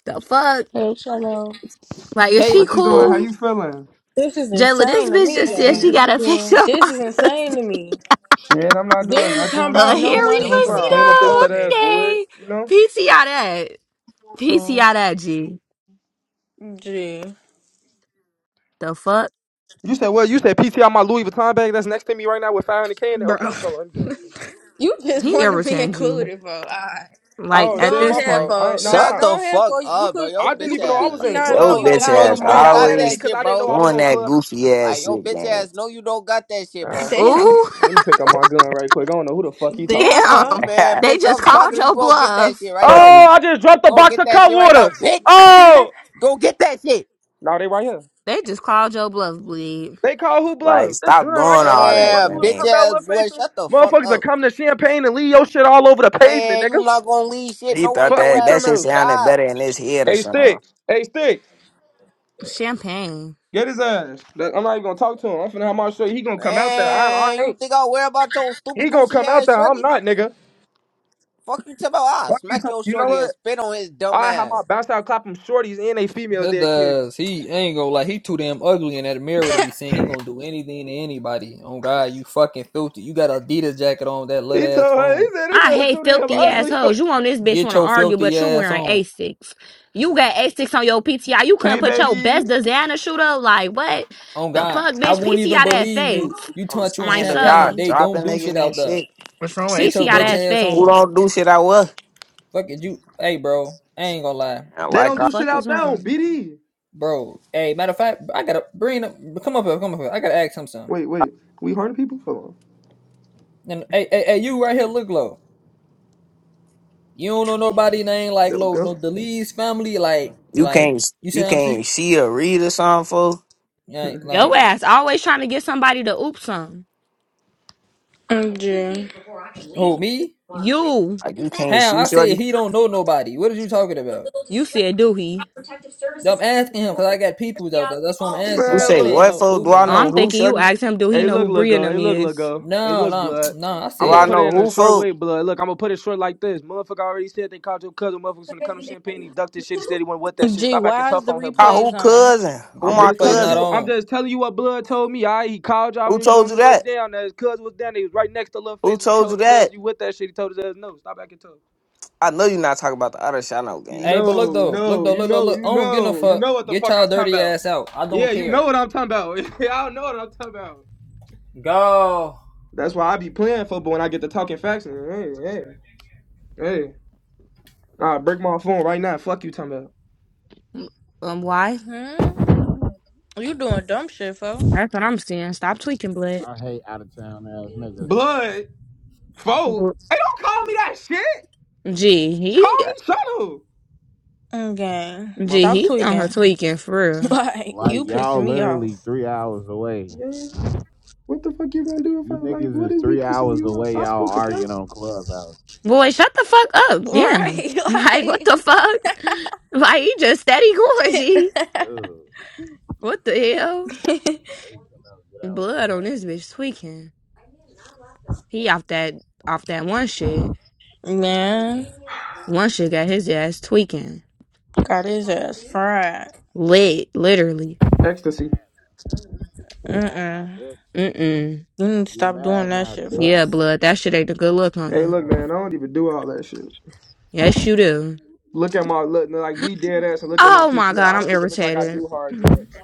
Speaker 3: The fuck?
Speaker 9: Hey, Shallow,
Speaker 3: Like, is
Speaker 2: Take
Speaker 3: she
Speaker 4: what you doing? How
Speaker 3: cool?
Speaker 4: you feeling?
Speaker 1: This is
Speaker 3: Jayla, this
Speaker 1: insane to
Speaker 3: bitch
Speaker 1: me,
Speaker 3: just
Speaker 9: what
Speaker 3: said she
Speaker 1: gang.
Speaker 3: got
Speaker 9: you
Speaker 3: a picture
Speaker 9: doing,
Speaker 3: of
Speaker 1: This
Speaker 3: my
Speaker 1: is insane
Speaker 3: pussy.
Speaker 1: to me.
Speaker 4: Shit, I'm not
Speaker 1: Then
Speaker 4: doing
Speaker 1: you talking
Speaker 3: A
Speaker 1: about
Speaker 4: nothing.
Speaker 1: no
Speaker 4: Just
Speaker 3: hairy
Speaker 1: money,
Speaker 4: chilling,
Speaker 3: pussy,
Speaker 4: finna flame
Speaker 1: bro.
Speaker 4: up this
Speaker 3: though?
Speaker 4: fat
Speaker 1: Okay.
Speaker 4: ass wood.
Speaker 3: Okay.
Speaker 4: You know.
Speaker 3: PTI that. PTI
Speaker 9: bro?
Speaker 3: that, G.
Speaker 1: Gee.
Speaker 3: The fuck?
Speaker 4: You said what? You said PT on my Louis Vuitton bag that's next to me right now with 500k in it.
Speaker 1: Bro.
Speaker 4: Okay, hold on, let me do it. again.
Speaker 1: You just
Speaker 3: He
Speaker 1: want to be
Speaker 3: irritating,
Speaker 4: Take
Speaker 3: G.
Speaker 4: this picture.
Speaker 1: included, for. Alright.
Speaker 3: Like,
Speaker 4: Oh
Speaker 3: at
Speaker 4: shit,
Speaker 1: Go
Speaker 4: my
Speaker 3: this
Speaker 1: ahead,
Speaker 4: fault.
Speaker 3: point.
Speaker 4: I ain't-
Speaker 1: fo.
Speaker 4: no, I
Speaker 1: Now
Speaker 6: Shut
Speaker 4: thought
Speaker 6: the
Speaker 1: go ahead,
Speaker 6: fuck
Speaker 1: fo. You
Speaker 6: up, bro.
Speaker 1: could
Speaker 6: Yo
Speaker 4: I didn't
Speaker 1: you
Speaker 6: bitch
Speaker 4: even know
Speaker 1: could
Speaker 4: I was
Speaker 6: ass.
Speaker 4: in
Speaker 7: Like,
Speaker 1: PTR
Speaker 6: You
Speaker 7: yo,
Speaker 1: for
Speaker 6: know,
Speaker 1: you could
Speaker 4: Clubhouse,
Speaker 6: you
Speaker 7: bitch
Speaker 1: have
Speaker 6: know,
Speaker 1: your
Speaker 4: folks.
Speaker 6: you
Speaker 7: ass
Speaker 4: How
Speaker 6: don't
Speaker 1: moment
Speaker 4: y'all
Speaker 6: got
Speaker 4: mad
Speaker 1: for
Speaker 4: at me
Speaker 7: always
Speaker 6: that
Speaker 4: because
Speaker 6: shit,
Speaker 4: I didn't know
Speaker 6: bro.
Speaker 4: I was
Speaker 7: doing
Speaker 4: on
Speaker 7: that
Speaker 4: Clubhouse?
Speaker 7: goofy ass
Speaker 6: Like yo
Speaker 7: shit,
Speaker 6: bitch
Speaker 7: gang.
Speaker 6: ass, know you don't got that
Speaker 4: All
Speaker 6: shit,
Speaker 4: right,
Speaker 6: bro.
Speaker 1: Damn.
Speaker 3: Ooh,
Speaker 4: let me pick up my gun right quick. I don't know who the fuck he talking
Speaker 1: Damn,
Speaker 3: damn.
Speaker 1: fo.
Speaker 4: to.
Speaker 6: Man,
Speaker 3: They
Speaker 6: bitch,
Speaker 3: just
Speaker 6: I'm
Speaker 3: called
Speaker 6: talking to you.
Speaker 3: your
Speaker 6: Go get that shit
Speaker 3: bluff.
Speaker 6: right
Speaker 7: Fuck
Speaker 6: now.
Speaker 4: Oh,
Speaker 7: you.
Speaker 4: I just dropped a
Speaker 6: Go
Speaker 4: box
Speaker 6: get
Speaker 4: of
Speaker 6: that
Speaker 4: cut
Speaker 6: shit right now,
Speaker 4: waters.
Speaker 6: bitch.
Speaker 4: Oh,
Speaker 6: Go get that shit.
Speaker 4: no, they right here.
Speaker 3: They just called your bluff, bleed.
Speaker 4: They call who
Speaker 7: Like,
Speaker 4: bluff? This
Speaker 7: stop
Speaker 4: gun
Speaker 7: doing
Speaker 4: right here on
Speaker 7: all
Speaker 4: me.
Speaker 7: that,
Speaker 4: What you
Speaker 6: And
Speaker 4: was
Speaker 6: bitch
Speaker 4: talking
Speaker 7: gang.
Speaker 4: about, little
Speaker 6: ass
Speaker 4: face?
Speaker 6: boy,
Speaker 4: Them
Speaker 6: shut the fuck
Speaker 4: Motherfuckers are
Speaker 6: up.
Speaker 4: coming to champagne and leave your shit all over the pavement,
Speaker 6: Man, you
Speaker 4: nigga.
Speaker 6: not gonna leave shit
Speaker 7: He
Speaker 6: nowhere.
Speaker 7: thought
Speaker 4: Fuck
Speaker 6: Your
Speaker 4: you
Speaker 7: that
Speaker 6: ass
Speaker 7: that
Speaker 4: talking
Speaker 7: shit
Speaker 6: gonna
Speaker 4: about?
Speaker 7: sounded
Speaker 6: die.
Speaker 7: better in his head or
Speaker 4: Hey,
Speaker 7: something.
Speaker 4: sticks. Hey, sticks.
Speaker 3: Champagne.
Speaker 4: Get his ass. Look, I'm not even gonna talk to him. I'm finna have my show. He gonna come out there. I,
Speaker 6: Man,
Speaker 4: I
Speaker 6: you
Speaker 4: ain't.
Speaker 6: think I'll worry about your stupid
Speaker 4: He gonna
Speaker 6: goofy
Speaker 4: come out
Speaker 6: ass
Speaker 4: there.
Speaker 6: shorty?
Speaker 4: I'm not, nigga.
Speaker 6: Fuck you talking about? I
Speaker 4: Fuck you
Speaker 6: smack
Speaker 4: talking.
Speaker 6: your
Speaker 4: You know
Speaker 6: shorty and
Speaker 4: what?
Speaker 6: spit on his dumb
Speaker 4: I have
Speaker 6: ass.
Speaker 4: my bounce out clap 'em shorties and they females.
Speaker 2: that
Speaker 4: there will kill you.
Speaker 2: does. He ain't gonna like he too damn ugly in that mirror to be seen. He gonna do anything to anybody. Oh god, you fucking filthy. You got a Adidas jacket on with that little
Speaker 4: He
Speaker 2: ass
Speaker 4: told her. He
Speaker 2: phone.
Speaker 4: said
Speaker 3: I
Speaker 4: this ass too
Speaker 3: hate
Speaker 4: damn
Speaker 3: filthy
Speaker 7: Gang.
Speaker 4: ugly.
Speaker 3: assholes. You on this bitch
Speaker 2: Get
Speaker 3: want to
Speaker 2: your
Speaker 3: argue,
Speaker 2: filthy
Speaker 3: but you
Speaker 2: ass
Speaker 3: wearing
Speaker 2: on.
Speaker 3: Asics. You got Asics on your PTI. You couldn't
Speaker 4: K
Speaker 3: put your
Speaker 4: baby.
Speaker 3: best designer shoot up. Like what
Speaker 2: Oh
Speaker 3: the
Speaker 2: God,
Speaker 3: fuck,
Speaker 2: I
Speaker 3: bitch?
Speaker 2: won't even
Speaker 3: PTI that
Speaker 2: believe
Speaker 3: face.
Speaker 2: you. You
Speaker 7: I'm
Speaker 2: taught
Speaker 3: I'm
Speaker 2: you in
Speaker 3: like,
Speaker 7: scandal, y'all
Speaker 2: Champagne.
Speaker 3: so
Speaker 2: They don't
Speaker 7: dropping
Speaker 2: do shit
Speaker 7: niggas and
Speaker 2: out there.
Speaker 7: shit.
Speaker 10: What's wrong with
Speaker 2: Get
Speaker 10: H
Speaker 2: your
Speaker 3: PTI
Speaker 2: bitch
Speaker 10: bro?
Speaker 3: that
Speaker 2: ass
Speaker 7: Who
Speaker 3: face.
Speaker 2: on.
Speaker 7: don't do shit I was?
Speaker 2: Fuck it, you. Hey, bro. I ain't gonna lie,
Speaker 7: And
Speaker 4: They don't
Speaker 7: like,
Speaker 3: The
Speaker 7: I-
Speaker 4: do shit
Speaker 3: fuck
Speaker 4: out
Speaker 3: is
Speaker 4: there on
Speaker 3: wrong?
Speaker 4: BD.
Speaker 2: bro. Hey, matter of fact, I gotta bring up. Come up here. Come up here. I gotta ask him something.
Speaker 4: Wait, wait. We harm people? Hold on.
Speaker 2: And hey, hey, hey, you right here look low. You don't know nobody name like
Speaker 4: There we
Speaker 2: low.
Speaker 4: go.
Speaker 2: No, the Lee's family, like,
Speaker 7: you
Speaker 2: like.
Speaker 7: can't,
Speaker 2: You see
Speaker 7: you
Speaker 2: what I'm
Speaker 7: can't
Speaker 2: saying?
Speaker 7: see or read or something, fool.
Speaker 2: Like,
Speaker 3: Your
Speaker 2: like.
Speaker 3: ass always trying to get somebody to oop some.
Speaker 1: Gee.
Speaker 2: Who me?
Speaker 3: You,
Speaker 7: Like, you can't
Speaker 2: How?
Speaker 7: see,
Speaker 2: I said
Speaker 7: shorty.
Speaker 2: he don't know nobody. What are you talking about?
Speaker 3: you said do he?
Speaker 2: I'm asking him because I got people out there. That's what I'm asking.
Speaker 7: You
Speaker 4: Man,
Speaker 2: Like, it
Speaker 7: say,
Speaker 4: look.
Speaker 2: ain't
Speaker 7: what,
Speaker 2: no
Speaker 7: fool? Do I
Speaker 2: open.
Speaker 3: Oh,
Speaker 7: know
Speaker 2: Like.
Speaker 3: I'm
Speaker 7: who,
Speaker 3: thinking you
Speaker 7: shorty?
Speaker 3: asked him do he
Speaker 4: Hey,
Speaker 3: know
Speaker 4: look,
Speaker 3: who
Speaker 4: look,
Speaker 3: Bria and
Speaker 4: go. Hey,
Speaker 3: them
Speaker 4: look, look,
Speaker 3: is.
Speaker 4: go. Hey,
Speaker 2: No,
Speaker 4: look,
Speaker 2: no,
Speaker 4: blood.
Speaker 2: no. I
Speaker 4: I'm
Speaker 7: Do
Speaker 4: gonna
Speaker 7: I
Speaker 4: put
Speaker 2: said
Speaker 7: know
Speaker 4: it in a
Speaker 7: who,
Speaker 4: short
Speaker 7: fool?
Speaker 4: way, blood. Look, I'm gonna put it short like this. Motherfucker already said they called your cousin. Motherfuckers finna come to champagne. He ducked this shit instead. He went with that shit.
Speaker 1: Gee,
Speaker 4: Stop acting
Speaker 1: why is
Speaker 4: tough
Speaker 1: the
Speaker 4: on him,
Speaker 7: Call
Speaker 4: blood.
Speaker 7: who
Speaker 1: replays on?
Speaker 7: cousin? Who
Speaker 4: I'm
Speaker 2: the
Speaker 7: my
Speaker 4: just
Speaker 2: replay's
Speaker 4: telling
Speaker 7: cousin?
Speaker 2: not
Speaker 4: you. I'm
Speaker 2: on.
Speaker 4: just telling you what blood told me. I he called y'all
Speaker 7: Who
Speaker 4: when he was on
Speaker 7: told you
Speaker 4: his way
Speaker 7: that?
Speaker 4: down. That his cousin was down. there. He was right next to Lil
Speaker 7: Who
Speaker 4: Face. And he
Speaker 7: told you
Speaker 4: told his ass
Speaker 7: that?
Speaker 4: you with that shit. He told his ass no. Stop acting tough.
Speaker 7: I know you're not talking about the other shit. I know
Speaker 4: You
Speaker 2: Hey,
Speaker 7: game.
Speaker 2: but
Speaker 4: know,
Speaker 2: look though, look
Speaker 4: no,
Speaker 2: though,
Speaker 4: you
Speaker 2: look, look,
Speaker 4: know,
Speaker 2: look. I
Speaker 4: you
Speaker 2: don't give no
Speaker 4: know, you
Speaker 2: fuck.
Speaker 4: know what the
Speaker 2: Get
Speaker 4: fuck I'm
Speaker 2: y'all
Speaker 4: talking
Speaker 2: dirty
Speaker 4: about.
Speaker 2: ass out. I
Speaker 4: Yeah,
Speaker 2: don't
Speaker 4: you
Speaker 2: care.
Speaker 4: know what I'm talking about. Y'all know what I'm talking about.
Speaker 2: Go.
Speaker 4: That's why I be playing football when I get to talking facts. Hey, hey, hey. I'll break my phone right now. Fuck you talking about.
Speaker 3: Um, um, why?
Speaker 1: Hmm? You doing dumb shit, fo.
Speaker 3: That's what I'm seeing. Stop tweaking, blood.
Speaker 8: I hate out of town ass niggas.
Speaker 4: Blood, folk.
Speaker 3: Br-
Speaker 4: Hey, don't call me that shit.
Speaker 3: Gee,
Speaker 4: Call
Speaker 3: he
Speaker 4: me Shono.
Speaker 1: Okay.
Speaker 4: My
Speaker 3: Gee,
Speaker 4: fault.
Speaker 1: Stop
Speaker 3: he on her
Speaker 1: tweaking.
Speaker 3: tweaking for real.
Speaker 1: Like,
Speaker 8: Like
Speaker 1: you
Speaker 8: y'all
Speaker 1: pissing me
Speaker 8: literally
Speaker 1: off.
Speaker 8: three hours away.
Speaker 4: Yeah. What the fuck you gonna do if I
Speaker 8: You
Speaker 4: like?
Speaker 8: niggas
Speaker 4: What
Speaker 8: is
Speaker 4: is me
Speaker 8: three
Speaker 4: pissing
Speaker 8: hours
Speaker 4: you off?
Speaker 8: away.
Speaker 4: I
Speaker 8: Y'all
Speaker 4: supposed to
Speaker 8: arguing
Speaker 4: count?
Speaker 8: on Clubhouse.
Speaker 3: Boy, shut the fuck up. Yeah.
Speaker 1: Right?
Speaker 3: Like, what the fuck? Like, he just steady going, G.
Speaker 8: Like, dude,
Speaker 3: What the hell?
Speaker 1: Like,
Speaker 8: they come out and
Speaker 3: Blood on this
Speaker 8: get
Speaker 3: bitch tweaking. He off that, off that one shit.
Speaker 1: man,
Speaker 3: One shit got his ass tweaking.
Speaker 1: got his ass fried.
Speaker 3: Lit, literally.
Speaker 4: Ecstasy.
Speaker 8: outside. Get mad now,
Speaker 1: Mm-mm.
Speaker 8: bitch.
Speaker 3: Mm-mm.
Speaker 1: You need to
Speaker 8: Get
Speaker 1: stop doing
Speaker 8: mad
Speaker 1: that
Speaker 8: now,
Speaker 1: shit,
Speaker 8: bitch.
Speaker 1: fo.
Speaker 3: Yeah, blood, that shit ain't a good look on
Speaker 8: I
Speaker 4: Hey,
Speaker 3: you.
Speaker 4: look,
Speaker 8: know.
Speaker 4: man. I don't even do all that shit.
Speaker 3: Yes, you do.
Speaker 4: Look at my look no, like be dead ass and look at my
Speaker 3: Oh my
Speaker 4: PTI.
Speaker 3: god,
Speaker 4: I
Speaker 3: I'm
Speaker 4: don't even look like I
Speaker 3: irritated.
Speaker 4: do hard
Speaker 3: It
Speaker 4: drugs.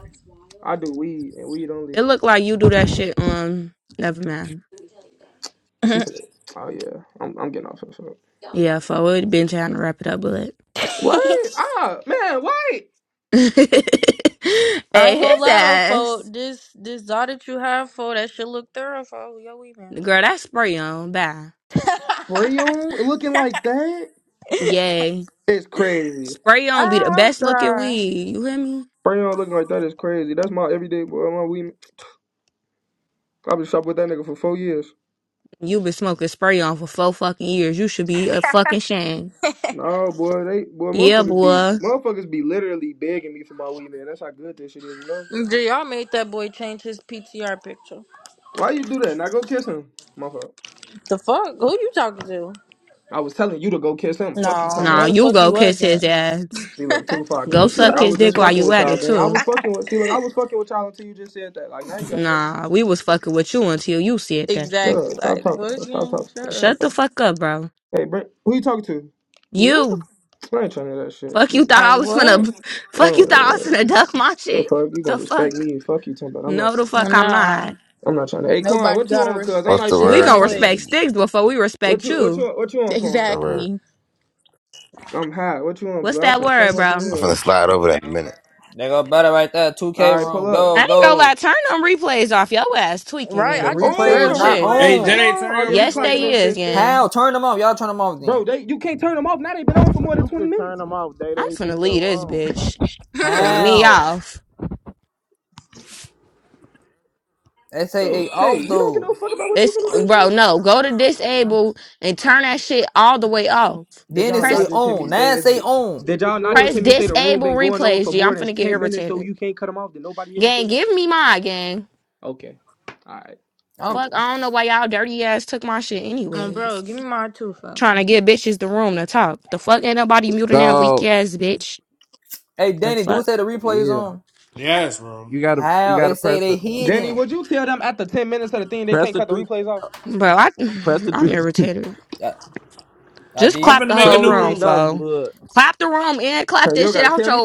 Speaker 4: I do weed and weed only.
Speaker 3: look like you do that shit on, never mind.
Speaker 4: She
Speaker 1: I
Speaker 4: said, "Oh yeah, I'm I'm getting off this shit."
Speaker 3: Yeah, for it been trying to wrap it up, blood.
Speaker 4: Wait, ah man, wait.
Speaker 3: hey,
Speaker 1: ain't gonna
Speaker 3: his
Speaker 1: lie though, fo.
Speaker 3: ass.
Speaker 1: This, this dot that you have, fo, that shit look thorough, fo. Yo, we man.
Speaker 3: Girl, that spray on. Bye.
Speaker 4: Brayon looking like that
Speaker 3: Yay.
Speaker 4: is crazy.
Speaker 3: Spray
Speaker 1: ah,
Speaker 3: on be the
Speaker 1: I'm
Speaker 3: best looking
Speaker 1: sorry.
Speaker 3: weed. You hear me?
Speaker 4: Brayon looking like that is crazy. That's my everyday boy. My weed. I've been shopping with that nigga for four years.
Speaker 3: you been smoking spray on for four fucking years. You should be a fucking shame.
Speaker 4: No boy, they boy
Speaker 3: Yeah,
Speaker 4: motherfuckers be
Speaker 3: boy.
Speaker 4: motherfuckers be literally begging me for my weed, man. That's how good this shit is, you know.
Speaker 1: Did y'all made that boy change his PTR picture?
Speaker 4: Why you do that? Now go kiss him. My fault.
Speaker 1: The fuck? Who you talking to?
Speaker 4: I was telling you to go kiss him. Fuck you,
Speaker 1: No,
Speaker 4: Tana.
Speaker 1: no,
Speaker 3: Nah,
Speaker 1: the
Speaker 3: you
Speaker 1: fuck
Speaker 3: go
Speaker 1: you
Speaker 3: kiss
Speaker 1: wasn't.
Speaker 3: his ass.
Speaker 4: See, look, too far,
Speaker 3: Go
Speaker 4: gang. See, look,
Speaker 3: suck
Speaker 4: I
Speaker 1: Fuck.
Speaker 3: his
Speaker 4: was
Speaker 3: dick
Speaker 4: just
Speaker 3: while
Speaker 4: fucking
Speaker 3: you
Speaker 4: with
Speaker 3: at
Speaker 4: y'all,
Speaker 3: it,
Speaker 4: gang. I was
Speaker 3: too.
Speaker 4: fucking with. See, look, I was fucking with y'all until you just said that. Like now you got another.
Speaker 3: Nah, we was fucking with you until you said that
Speaker 4: Shut
Speaker 3: shit.
Speaker 1: exactly.
Speaker 4: up! Stop
Speaker 1: Like
Speaker 4: talking.
Speaker 1: what
Speaker 4: Fuck, Stop
Speaker 1: gang?
Speaker 4: talking.
Speaker 1: Shut
Speaker 4: Fuck,
Speaker 1: up.
Speaker 4: Stop
Speaker 3: Shut the
Speaker 4: talking.
Speaker 3: fuck up, bro.
Speaker 4: Hey, Brent, who you talking to?
Speaker 1: You?
Speaker 3: You.
Speaker 4: I ain't trying to hear that shit.
Speaker 3: Fuck you
Speaker 4: bitch.
Speaker 3: thought
Speaker 1: Like
Speaker 3: I was gonna.
Speaker 1: what?
Speaker 4: I
Speaker 3: Fuck you thought I was gonna duck my
Speaker 4: The
Speaker 3: shit?
Speaker 4: fuck you gonna
Speaker 3: The fuck?
Speaker 4: respect me? Fuck you, Timber. I'm not
Speaker 3: No, the
Speaker 4: trying to. hear
Speaker 3: fuck
Speaker 4: that.
Speaker 3: I'm
Speaker 1: Nah.
Speaker 3: not.
Speaker 4: I'm not trying to. Hey, Corn,
Speaker 1: Nobody
Speaker 4: what you
Speaker 1: gotta
Speaker 4: on? Cause I'm
Speaker 11: What's
Speaker 1: respect
Speaker 4: not
Speaker 11: the
Speaker 4: even trying
Speaker 1: shit
Speaker 3: We
Speaker 4: to
Speaker 11: word,
Speaker 1: them
Speaker 3: gonna
Speaker 4: talk to them.
Speaker 3: respect
Speaker 1: ways.
Speaker 11: please?
Speaker 3: sticks before we
Speaker 4: What
Speaker 3: respect
Speaker 4: you? What you?
Speaker 3: you.
Speaker 4: What you on,
Speaker 11: What's
Speaker 4: Corn?
Speaker 11: the word?
Speaker 1: Exactly.
Speaker 4: I'm hot. What you on,
Speaker 3: What's
Speaker 4: Blue? I'm
Speaker 3: that
Speaker 4: finna flame
Speaker 3: word,
Speaker 4: up the
Speaker 3: bro?
Speaker 11: I'm
Speaker 4: wood.
Speaker 11: finna slide over that in a minute.
Speaker 2: They go better right there. Two
Speaker 4: All
Speaker 2: K
Speaker 4: right, pull
Speaker 2: room.
Speaker 4: up.
Speaker 3: I
Speaker 2: Go,
Speaker 3: ain't gonna
Speaker 2: go.
Speaker 3: lie. Turn them replays off. Your ass tweaking,
Speaker 1: Right.
Speaker 2: The
Speaker 1: I
Speaker 3: gang.
Speaker 1: just
Speaker 2: replays
Speaker 4: Oh,
Speaker 1: said
Speaker 2: is
Speaker 3: Real
Speaker 4: the
Speaker 2: not
Speaker 1: that.
Speaker 3: shit.
Speaker 4: replay's
Speaker 12: Hey,
Speaker 4: been
Speaker 2: on.
Speaker 12: Daddy,
Speaker 4: on.
Speaker 12: turn
Speaker 4: Oh
Speaker 12: your
Speaker 4: yeah, we
Speaker 3: Yes,
Speaker 12: replays
Speaker 4: clapping
Speaker 3: they
Speaker 4: this
Speaker 12: off.
Speaker 3: is,
Speaker 4: bitch, sticks.
Speaker 3: gang.
Speaker 2: How? Turn them off. Y'all turn them off
Speaker 4: Bro,
Speaker 2: then.
Speaker 4: they you can't turn them off. Now they've been on for more than
Speaker 8: You
Speaker 4: 20
Speaker 8: could turn
Speaker 4: minutes.
Speaker 8: them off, day
Speaker 3: I'm
Speaker 8: day. This
Speaker 3: finna
Speaker 8: your
Speaker 3: leave this
Speaker 8: room.
Speaker 3: bitch. Throwing me
Speaker 2: How?
Speaker 3: off.
Speaker 2: They say
Speaker 4: Bro,
Speaker 2: a
Speaker 4: hey,
Speaker 2: off
Speaker 4: we don't give no
Speaker 2: though.
Speaker 4: fuck about what you
Speaker 3: It's
Speaker 4: gonna do,
Speaker 3: bro.
Speaker 4: shorty.
Speaker 3: No, go to disable and turn that shit all the way off.
Speaker 4: Did
Speaker 2: Then it
Speaker 4: y'all
Speaker 2: say
Speaker 4: not
Speaker 3: Press
Speaker 4: just hear me
Speaker 2: on.
Speaker 4: say
Speaker 2: Now it
Speaker 4: it's
Speaker 2: say
Speaker 4: been,
Speaker 2: on.
Speaker 8: You
Speaker 4: did
Speaker 8: could
Speaker 4: y'all not
Speaker 8: do
Speaker 4: just
Speaker 3: press
Speaker 4: hear
Speaker 8: it.
Speaker 4: me say the room
Speaker 3: disable
Speaker 4: been going on
Speaker 3: replays.
Speaker 4: for
Speaker 3: G.
Speaker 4: more
Speaker 3: I'm
Speaker 4: than
Speaker 3: finna get
Speaker 4: 10 minutes so
Speaker 3: irritated.
Speaker 4: you can't cut them off? Did nobody hear me say
Speaker 3: Gang,
Speaker 4: that?
Speaker 3: give me my gang.
Speaker 4: Okay. Alright. I'm
Speaker 2: I'm.
Speaker 3: Fuck.
Speaker 4: just
Speaker 3: I don't know why y'all dirty ass took my shit
Speaker 1: oh,
Speaker 3: anyways.
Speaker 1: bro, give me my two
Speaker 3: Trying to give bitches the room to talk. The fuck ain't nobody muting that weak
Speaker 13: Go.
Speaker 3: ass bitch.
Speaker 2: Hey
Speaker 3: The
Speaker 2: Danny, do
Speaker 3: fuck?
Speaker 2: it say the replays
Speaker 13: Yeah.
Speaker 2: on?
Speaker 12: Yes, bro.
Speaker 13: You gotta you
Speaker 2: How?
Speaker 13: gotta
Speaker 2: It say
Speaker 13: press
Speaker 2: they
Speaker 13: the
Speaker 4: Danny,
Speaker 2: hidden.
Speaker 4: would you tell them after 10 minutes of the thing they
Speaker 13: press
Speaker 4: can't
Speaker 13: the
Speaker 4: cut the
Speaker 13: three
Speaker 4: replays off?
Speaker 3: Bro, I
Speaker 13: press the
Speaker 3: I'm
Speaker 13: three
Speaker 3: irritated.
Speaker 2: I, I
Speaker 3: Just
Speaker 12: I'm
Speaker 2: did.
Speaker 3: clap
Speaker 12: finna
Speaker 3: the
Speaker 12: make a
Speaker 13: press
Speaker 3: whole
Speaker 13: the
Speaker 12: new
Speaker 13: three
Speaker 3: room,
Speaker 12: room,
Speaker 13: dots,
Speaker 12: gang.
Speaker 3: fo.
Speaker 13: blood.
Speaker 3: Clap the room and clap
Speaker 4: Hey,
Speaker 3: this
Speaker 4: you
Speaker 3: shit
Speaker 4: gotta
Speaker 3: out
Speaker 4: tell me
Speaker 3: your